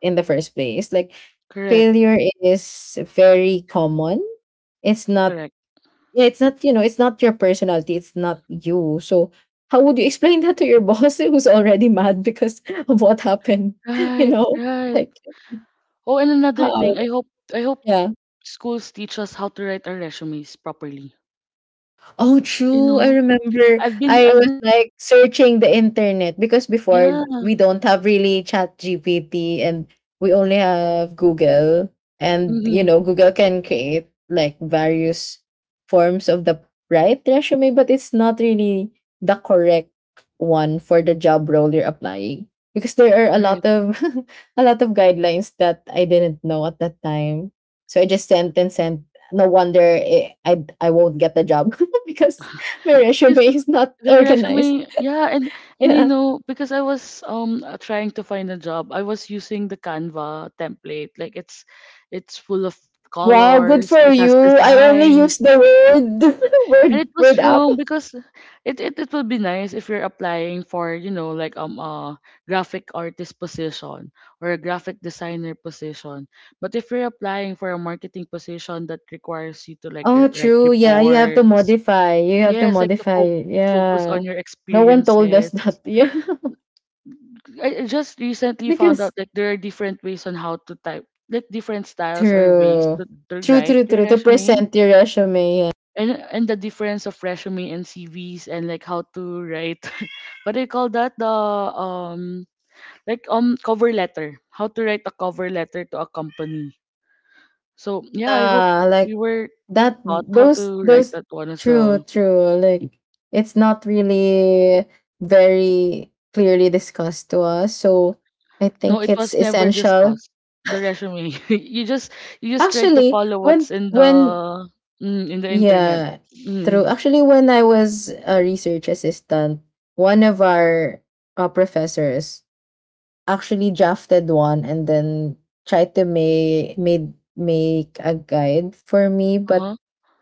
[SPEAKER 2] in the first place? Like
[SPEAKER 1] Correct.
[SPEAKER 2] failure is very common. It's not
[SPEAKER 1] Correct.
[SPEAKER 2] yeah, it's not, you know, it's not your personality, it's not you. So how would you explain that to your boss who's already mad because of what happened? You
[SPEAKER 1] Right,
[SPEAKER 2] know,
[SPEAKER 1] right.
[SPEAKER 2] like
[SPEAKER 1] Oh, and another
[SPEAKER 2] how
[SPEAKER 1] thing, I hope I hope
[SPEAKER 2] Yeah.
[SPEAKER 1] schools teach us how to write our resumes properly.
[SPEAKER 2] Oh,
[SPEAKER 1] You
[SPEAKER 2] true. I
[SPEAKER 1] know,
[SPEAKER 2] remember
[SPEAKER 1] I've been
[SPEAKER 2] I
[SPEAKER 1] I've
[SPEAKER 2] was like searching the internet because
[SPEAKER 1] yeah,
[SPEAKER 2] before we don't have really chat G P T, and we only have Google. And, you
[SPEAKER 1] mhm,
[SPEAKER 2] know, Google can create like various forms of the right resume, but it's not really the correct one for the job role you're applying, because there are a lot
[SPEAKER 1] correct.
[SPEAKER 2] of a lot of guidelines that I didn't know at that time. So I just sent and sent. No wonder eh, I I won't get the job because my
[SPEAKER 1] This
[SPEAKER 2] resume is not
[SPEAKER 1] The
[SPEAKER 2] organized.
[SPEAKER 1] resume, yeah, and and you
[SPEAKER 2] Yeah.
[SPEAKER 1] know, because I was um uh, trying to find a job, I was using the Canva template. Like, it's it's full of
[SPEAKER 2] Wow, good
[SPEAKER 1] colors,
[SPEAKER 2] for
[SPEAKER 1] it
[SPEAKER 2] you.
[SPEAKER 1] has
[SPEAKER 2] I only
[SPEAKER 1] design.
[SPEAKER 2] use the word
[SPEAKER 1] And
[SPEAKER 2] word
[SPEAKER 1] it was
[SPEAKER 2] word app.
[SPEAKER 1] wrong, because it it, it will be nice if you're applying for, you know, like um a graphic artist position or a graphic designer position. But if you're applying for a marketing position that requires you to like
[SPEAKER 2] Oh,
[SPEAKER 1] r- write
[SPEAKER 2] true. Yeah, you have to
[SPEAKER 1] reports.
[SPEAKER 2] modify. You have to
[SPEAKER 1] Yes, like the
[SPEAKER 2] modify
[SPEAKER 1] fo
[SPEAKER 2] it.
[SPEAKER 1] focus
[SPEAKER 2] Yeah.
[SPEAKER 1] on your
[SPEAKER 2] No one told us
[SPEAKER 1] experiences.
[SPEAKER 2] that. Yeah.
[SPEAKER 1] I, I just recently found
[SPEAKER 2] Because
[SPEAKER 1] out like there are different ways on how to type, like different styles or ways
[SPEAKER 2] true.
[SPEAKER 1] to, to
[SPEAKER 2] True,
[SPEAKER 1] write
[SPEAKER 2] true,
[SPEAKER 1] your
[SPEAKER 2] true. To
[SPEAKER 1] resume.
[SPEAKER 2] present your resume. Yeah.
[SPEAKER 1] And and the difference of resume and C Vs, and like how to write what do you call that? The um like um cover letter. How to write a cover letter to a company. So yeah, I hope
[SPEAKER 2] Yeah, like
[SPEAKER 1] we were
[SPEAKER 2] that
[SPEAKER 1] taught how
[SPEAKER 2] those
[SPEAKER 1] to write
[SPEAKER 2] those
[SPEAKER 1] that one as
[SPEAKER 2] true
[SPEAKER 1] well.
[SPEAKER 2] true like it's not really very clearly discussed to us, so I
[SPEAKER 1] No,
[SPEAKER 2] think
[SPEAKER 1] it
[SPEAKER 2] it's
[SPEAKER 1] was never
[SPEAKER 2] essential.
[SPEAKER 1] discussed. The resume. You just you just try to
[SPEAKER 2] actually
[SPEAKER 1] follow what's
[SPEAKER 2] when
[SPEAKER 1] in
[SPEAKER 2] when
[SPEAKER 1] the mm, in the internet.
[SPEAKER 2] yeah true,
[SPEAKER 1] Mm,
[SPEAKER 2] actually when I was a research assistant, one of our uh, professors actually drafted one and then tried to make made make a guide for me, but
[SPEAKER 1] uh-huh.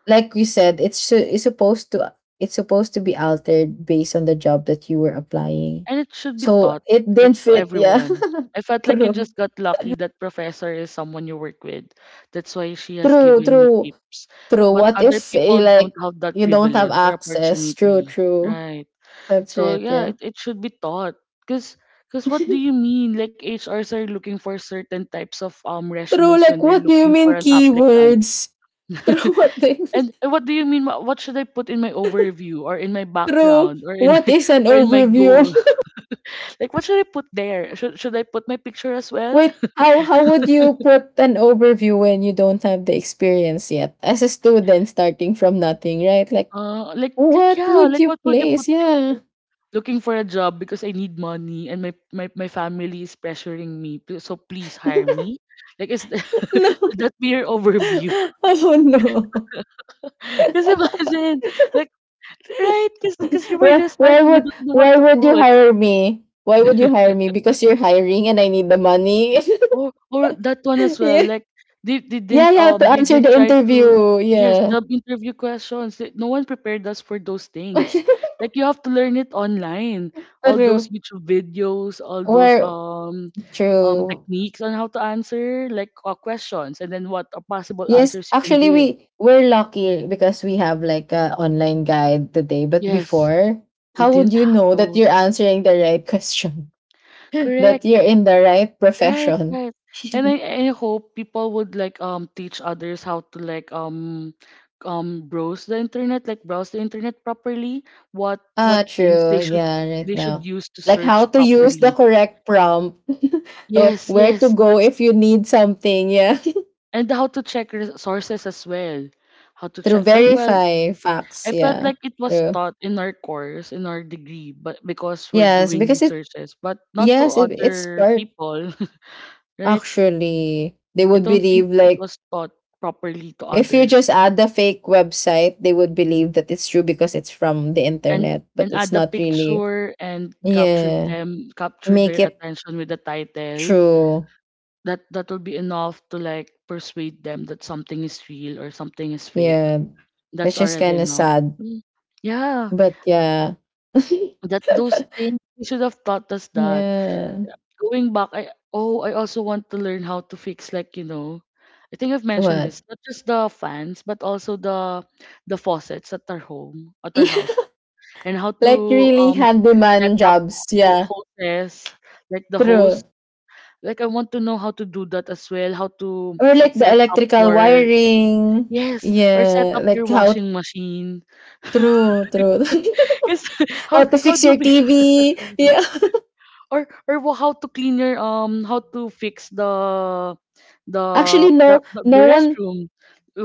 [SPEAKER 2] like we said, it's su- it's supposed to it's supposed to be altered based on the job that you were applying.
[SPEAKER 1] And it should be
[SPEAKER 2] So
[SPEAKER 1] taught
[SPEAKER 2] it
[SPEAKER 1] like
[SPEAKER 2] didn't
[SPEAKER 1] to
[SPEAKER 2] fit, yeah.
[SPEAKER 1] everyone. I felt like you
[SPEAKER 2] True.
[SPEAKER 1] just got lucky that professor is someone you work with. That's why she has
[SPEAKER 2] True,
[SPEAKER 1] given you
[SPEAKER 2] true,
[SPEAKER 1] tips.
[SPEAKER 2] true.
[SPEAKER 1] But
[SPEAKER 2] What
[SPEAKER 1] other
[SPEAKER 2] if eh,
[SPEAKER 1] people don't
[SPEAKER 2] like
[SPEAKER 1] have that
[SPEAKER 2] you don't have
[SPEAKER 1] privilege or
[SPEAKER 2] access? True,
[SPEAKER 1] opportunity.
[SPEAKER 2] true.
[SPEAKER 1] Right.
[SPEAKER 2] That's
[SPEAKER 1] So
[SPEAKER 2] right, yeah.
[SPEAKER 1] yeah, it, it should be taught. Cause, cause what do
[SPEAKER 2] True,
[SPEAKER 1] you mean? Like, H Rs are looking for certain types of um resumes when
[SPEAKER 2] like
[SPEAKER 1] they're
[SPEAKER 2] what do you
[SPEAKER 1] looking for
[SPEAKER 2] mean
[SPEAKER 1] an applicant.
[SPEAKER 2] keywords? True, what do you-
[SPEAKER 1] and, and what do you mean? Wha- What should I put in my overview, or in my
[SPEAKER 2] true.
[SPEAKER 1] background, or in
[SPEAKER 2] What
[SPEAKER 1] my
[SPEAKER 2] is an
[SPEAKER 1] or in my
[SPEAKER 2] overview?
[SPEAKER 1] goal? Like, what should I put there? Should should I put my picture as well?
[SPEAKER 2] Wait, how how would you put an overview when you don't have the experience yet as a student starting from nothing, right? Like
[SPEAKER 1] Uh, like like
[SPEAKER 2] what
[SPEAKER 1] yeah,
[SPEAKER 2] would
[SPEAKER 1] like
[SPEAKER 2] you
[SPEAKER 1] what would you put
[SPEAKER 2] place?
[SPEAKER 1] there?
[SPEAKER 2] Yeah.
[SPEAKER 1] Looking for a job because I need money and my my, my family is pressuring me. Pl- So please hire me. Like is,
[SPEAKER 2] No.
[SPEAKER 1] will that be your overview?
[SPEAKER 2] Oh no.
[SPEAKER 1] Cause imagine, like, right? Because because we were
[SPEAKER 2] Why
[SPEAKER 1] just
[SPEAKER 2] why
[SPEAKER 1] starting, we
[SPEAKER 2] would
[SPEAKER 1] don't know what
[SPEAKER 2] why
[SPEAKER 1] to
[SPEAKER 2] would you
[SPEAKER 1] put.
[SPEAKER 2] hire me? Why would you hire me? Because you're hiring and I need the money.
[SPEAKER 1] Or or that one as well.
[SPEAKER 2] Yeah.
[SPEAKER 1] Like they they
[SPEAKER 2] Yeah,
[SPEAKER 1] didn't
[SPEAKER 2] yeah, to
[SPEAKER 1] um they
[SPEAKER 2] answer
[SPEAKER 1] didn't
[SPEAKER 2] the
[SPEAKER 1] try to
[SPEAKER 2] interview.
[SPEAKER 1] yes
[SPEAKER 2] Yeah.
[SPEAKER 1] job interview questions. They, no one prepared us for those things. Like you have to learn it online. All those
[SPEAKER 2] True.
[SPEAKER 1] YouTube videos, all those
[SPEAKER 2] Where
[SPEAKER 1] um um
[SPEAKER 2] true.
[SPEAKER 1] techniques on how to answer like uh, questions, and then what are possible
[SPEAKER 2] Yes,
[SPEAKER 1] answers you can
[SPEAKER 2] actually
[SPEAKER 1] give.
[SPEAKER 2] we we're lucky because we have like a online guide today. But
[SPEAKER 1] Yes,
[SPEAKER 2] before,
[SPEAKER 1] they
[SPEAKER 2] how would
[SPEAKER 1] didn't
[SPEAKER 2] you
[SPEAKER 1] have
[SPEAKER 2] know that
[SPEAKER 1] those.
[SPEAKER 2] you're answering the right question? That
[SPEAKER 1] Correct.
[SPEAKER 2] you're in the right
[SPEAKER 1] Right,
[SPEAKER 2] profession?
[SPEAKER 1] right. And I, I hope people would like um teach others how to like um um browse the internet, like browse the internet properly, what what
[SPEAKER 2] Ah,
[SPEAKER 1] things
[SPEAKER 2] true.
[SPEAKER 1] they should
[SPEAKER 2] Yeah, right
[SPEAKER 1] they should
[SPEAKER 2] now.
[SPEAKER 1] use to
[SPEAKER 2] Like how
[SPEAKER 1] search
[SPEAKER 2] to use the
[SPEAKER 1] properly.
[SPEAKER 2] correct prompt, or
[SPEAKER 1] Yes,
[SPEAKER 2] where to
[SPEAKER 1] yes,
[SPEAKER 2] go
[SPEAKER 1] that's,
[SPEAKER 2] if you need something, yeah.
[SPEAKER 1] and how to check re- sources as well. How to
[SPEAKER 2] Through
[SPEAKER 1] check uh, well,
[SPEAKER 2] verify facts,
[SPEAKER 1] I felt
[SPEAKER 2] yeah.
[SPEAKER 1] like it was
[SPEAKER 2] True.
[SPEAKER 1] taught in our course, in our degree, but because we're
[SPEAKER 2] Yes,
[SPEAKER 1] doing
[SPEAKER 2] because it
[SPEAKER 1] researches, but not to
[SPEAKER 2] yes, it, it's
[SPEAKER 1] other
[SPEAKER 2] part
[SPEAKER 1] people, right?
[SPEAKER 2] actually. They
[SPEAKER 1] I
[SPEAKER 2] would
[SPEAKER 1] don't think
[SPEAKER 2] believe
[SPEAKER 1] it
[SPEAKER 2] like
[SPEAKER 1] was taught properly to
[SPEAKER 2] if you
[SPEAKER 1] others.
[SPEAKER 2] just add the fake website, they would believe that it's true because it's from the
[SPEAKER 1] and
[SPEAKER 2] internet, but
[SPEAKER 1] and
[SPEAKER 2] it's
[SPEAKER 1] add the
[SPEAKER 2] not really.
[SPEAKER 1] picture and capture
[SPEAKER 2] Yeah.
[SPEAKER 1] them capture
[SPEAKER 2] Make
[SPEAKER 1] their
[SPEAKER 2] it
[SPEAKER 1] attention with the title,
[SPEAKER 2] true.
[SPEAKER 1] that that will be enough to like persuade them that something is real or something is fake,
[SPEAKER 2] Yeah.
[SPEAKER 1] that's
[SPEAKER 2] Which is
[SPEAKER 1] already
[SPEAKER 2] kind of
[SPEAKER 1] enough.
[SPEAKER 2] sad.
[SPEAKER 1] Mm. Yeah,
[SPEAKER 2] But yeah.
[SPEAKER 1] that those things you should have taught us that.
[SPEAKER 2] Yeah.
[SPEAKER 1] Going back, I, oh, I also want to learn how to fix, like, you know, I think I've mentioned
[SPEAKER 2] What?
[SPEAKER 1] this, not just the fans but also the the faucets at our home, at our
[SPEAKER 2] Yeah,
[SPEAKER 1] house, and how
[SPEAKER 2] like
[SPEAKER 1] to
[SPEAKER 2] really
[SPEAKER 1] um set
[SPEAKER 2] handyman
[SPEAKER 1] up
[SPEAKER 2] jobs.
[SPEAKER 1] ho-
[SPEAKER 2] Yeah.
[SPEAKER 1] hostess, like the host.
[SPEAKER 2] True.
[SPEAKER 1] Like I want to know how to do that as well, how to
[SPEAKER 2] Or like the
[SPEAKER 1] set up
[SPEAKER 2] electrical
[SPEAKER 1] your,
[SPEAKER 2] wiring.
[SPEAKER 1] yes, or set
[SPEAKER 2] Yeah.
[SPEAKER 1] up your
[SPEAKER 2] Like how
[SPEAKER 1] washing machine.
[SPEAKER 2] true, true.
[SPEAKER 1] Cause
[SPEAKER 2] How
[SPEAKER 1] how
[SPEAKER 2] to
[SPEAKER 1] how
[SPEAKER 2] fix
[SPEAKER 1] do
[SPEAKER 2] your
[SPEAKER 1] we,
[SPEAKER 2] T V. Yeah.
[SPEAKER 1] or or wha- how to clean your um how to fix the,
[SPEAKER 2] Actually
[SPEAKER 1] the the,
[SPEAKER 2] no
[SPEAKER 1] the
[SPEAKER 2] no
[SPEAKER 1] the
[SPEAKER 2] one
[SPEAKER 1] restroom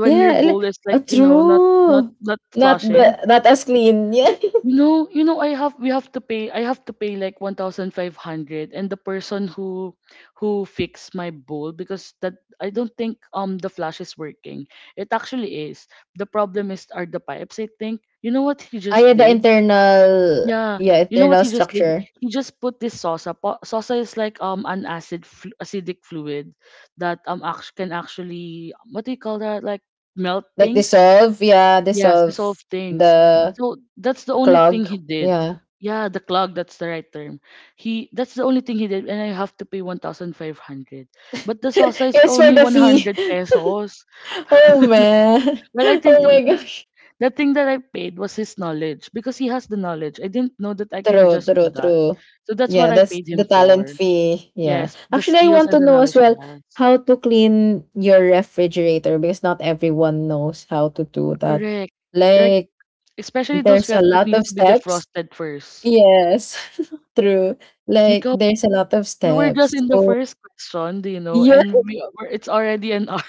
[SPEAKER 1] when your
[SPEAKER 2] ele
[SPEAKER 1] bowl is,
[SPEAKER 2] ah,
[SPEAKER 1] like, you know, not not
[SPEAKER 2] true.
[SPEAKER 1] not
[SPEAKER 2] Not
[SPEAKER 1] flushing.
[SPEAKER 2] the not as clean, yeah.
[SPEAKER 1] You know, you know, I have we have to pay, I have to pay like one thousand five hundred and the person who who fixed my bowl, because that, I don't think um the flash is working. It actually is. The problem is are the pipes, I think. You know what he
[SPEAKER 2] Ah,
[SPEAKER 1] just
[SPEAKER 2] yeah, the
[SPEAKER 1] did?
[SPEAKER 2] internal
[SPEAKER 1] Yeah,
[SPEAKER 2] yeah,
[SPEAKER 1] you know what
[SPEAKER 2] internal
[SPEAKER 1] he just did?
[SPEAKER 2] structure.
[SPEAKER 1] He just put this sosa. Po- Sosa is like um an acid flu- acidic fluid that um act- can actually, what do you call that? Like melt
[SPEAKER 2] Like
[SPEAKER 1] things.
[SPEAKER 2] dissolve, yeah,
[SPEAKER 1] Yes, dissolve
[SPEAKER 2] dissolve
[SPEAKER 1] things.
[SPEAKER 2] the
[SPEAKER 1] So that's the only thing
[SPEAKER 2] clog.
[SPEAKER 1] he did.
[SPEAKER 2] Yeah.
[SPEAKER 1] Yeah, the clog, that's the right term. He, that's the only thing he did, and I have to pay one thousand five hundred. But the sosa is
[SPEAKER 2] It's for
[SPEAKER 1] only
[SPEAKER 2] the
[SPEAKER 1] one
[SPEAKER 2] fee.
[SPEAKER 1] hundred pesos.
[SPEAKER 2] Oh man.
[SPEAKER 1] Well, I think
[SPEAKER 2] Oh
[SPEAKER 1] the,
[SPEAKER 2] my
[SPEAKER 1] the
[SPEAKER 2] gosh.
[SPEAKER 1] the thing that I paid was his knowledge, because he has the knowledge. I didn't know that I can
[SPEAKER 2] True,
[SPEAKER 1] just do
[SPEAKER 2] true,
[SPEAKER 1] that.
[SPEAKER 2] true.
[SPEAKER 1] So that's
[SPEAKER 2] Yeah,
[SPEAKER 1] what I
[SPEAKER 2] that's
[SPEAKER 1] paid him
[SPEAKER 2] the talent
[SPEAKER 1] for.
[SPEAKER 2] fee. Yeah.
[SPEAKER 1] Yes, the
[SPEAKER 2] Actually, I
[SPEAKER 1] skills
[SPEAKER 2] want
[SPEAKER 1] and
[SPEAKER 2] to
[SPEAKER 1] the
[SPEAKER 2] know as
[SPEAKER 1] knowledge he
[SPEAKER 2] well
[SPEAKER 1] has.
[SPEAKER 2] how to clean your refrigerator, because not everyone knows how to do that.
[SPEAKER 1] Correct. Right.
[SPEAKER 2] Like
[SPEAKER 1] Especially those
[SPEAKER 2] there's a
[SPEAKER 1] refs that
[SPEAKER 2] lot
[SPEAKER 1] needs
[SPEAKER 2] of
[SPEAKER 1] to be
[SPEAKER 2] steps.
[SPEAKER 1] defrosted first.
[SPEAKER 2] Yes, true. Like
[SPEAKER 1] Nico,
[SPEAKER 2] there's a lot of
[SPEAKER 1] we were just
[SPEAKER 2] steps.
[SPEAKER 1] in the
[SPEAKER 2] So
[SPEAKER 1] first question, do you know?
[SPEAKER 2] yeah,
[SPEAKER 1] And we were, it's already an hour,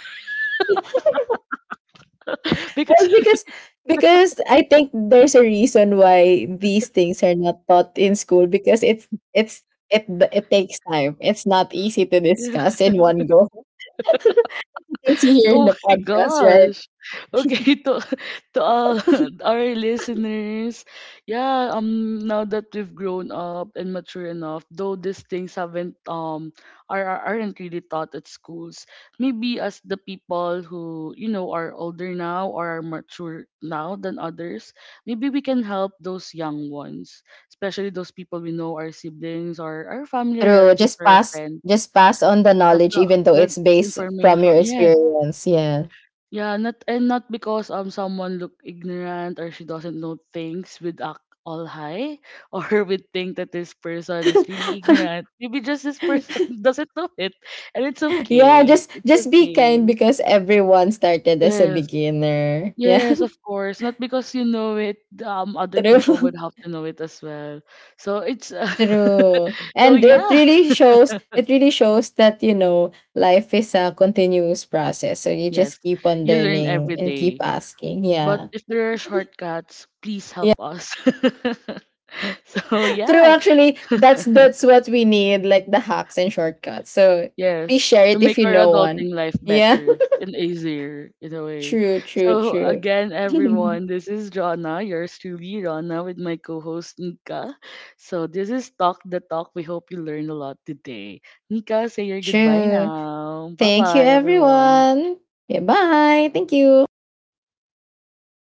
[SPEAKER 1] because,
[SPEAKER 2] well because because I think there's a reason why these things are not taught in school, because it's it's it it takes time. It's not easy to discuss in one go. You can see here in
[SPEAKER 1] oh
[SPEAKER 2] the
[SPEAKER 1] my
[SPEAKER 2] podcast, right?
[SPEAKER 1] gosh. Okay, to to all our listeners, yeah, um now that we've grown up and mature enough, though these things haven't um are are- aren't really taught at schools, maybe as the people who, you know, are older now or are mature now than others, maybe we can help those young ones, especially those people we know, our siblings or our family, our
[SPEAKER 2] True.
[SPEAKER 1] relatives
[SPEAKER 2] Just
[SPEAKER 1] or our
[SPEAKER 2] pass
[SPEAKER 1] friends.
[SPEAKER 2] just pass on the
[SPEAKER 1] As
[SPEAKER 2] knowledge
[SPEAKER 1] the,
[SPEAKER 2] even though
[SPEAKER 1] the
[SPEAKER 2] it's based from
[SPEAKER 1] information,
[SPEAKER 2] your
[SPEAKER 1] yes,
[SPEAKER 2] experience. Yeah.
[SPEAKER 1] yeah, not, and not because um someone look ignorant or she doesn't know things, with act all high, or we think that this person is really ignorant. Maybe just this person doesn't know it, and it's
[SPEAKER 2] Yeah,
[SPEAKER 1] okay.
[SPEAKER 2] just
[SPEAKER 1] It's
[SPEAKER 2] just be kind
[SPEAKER 1] okay.
[SPEAKER 2] because everyone started as a
[SPEAKER 1] Yes.
[SPEAKER 2] beginner. Yeah,
[SPEAKER 1] Yes, of course. Not because you know it, um other people would
[SPEAKER 2] true,
[SPEAKER 1] have to know it as well. So it's uh,
[SPEAKER 2] true.
[SPEAKER 1] so
[SPEAKER 2] And it
[SPEAKER 1] yeah.
[SPEAKER 2] really shows. It really shows that you know life is a continuous process. So you
[SPEAKER 1] Yes.
[SPEAKER 2] just keep on
[SPEAKER 1] You learn
[SPEAKER 2] learning
[SPEAKER 1] every
[SPEAKER 2] and keep
[SPEAKER 1] day.
[SPEAKER 2] asking.
[SPEAKER 1] But
[SPEAKER 2] Yeah.
[SPEAKER 1] if there are shortcuts, please
[SPEAKER 2] Yeah,
[SPEAKER 1] help us. so
[SPEAKER 2] true.
[SPEAKER 1] yeah.
[SPEAKER 2] Actually, that's that's what we need, like the hacks and shortcuts. So please
[SPEAKER 1] Yes,
[SPEAKER 2] share
[SPEAKER 1] to
[SPEAKER 2] it
[SPEAKER 1] make
[SPEAKER 2] if you
[SPEAKER 1] our
[SPEAKER 2] know one.
[SPEAKER 1] adulting life
[SPEAKER 2] Yeah,
[SPEAKER 1] better and easier in a way.
[SPEAKER 2] true, true,
[SPEAKER 1] So
[SPEAKER 2] true.
[SPEAKER 1] again, everyone, this is Jonna, yours truly, Jonna, with my co-host Nika. So this is Talk the Talk. We hope you learned a lot today. Nika, say your goodbye
[SPEAKER 2] True.
[SPEAKER 1] now. Bye
[SPEAKER 2] Thank you,
[SPEAKER 1] bye, everyone.
[SPEAKER 2] everyone. Goodbye. Thank you.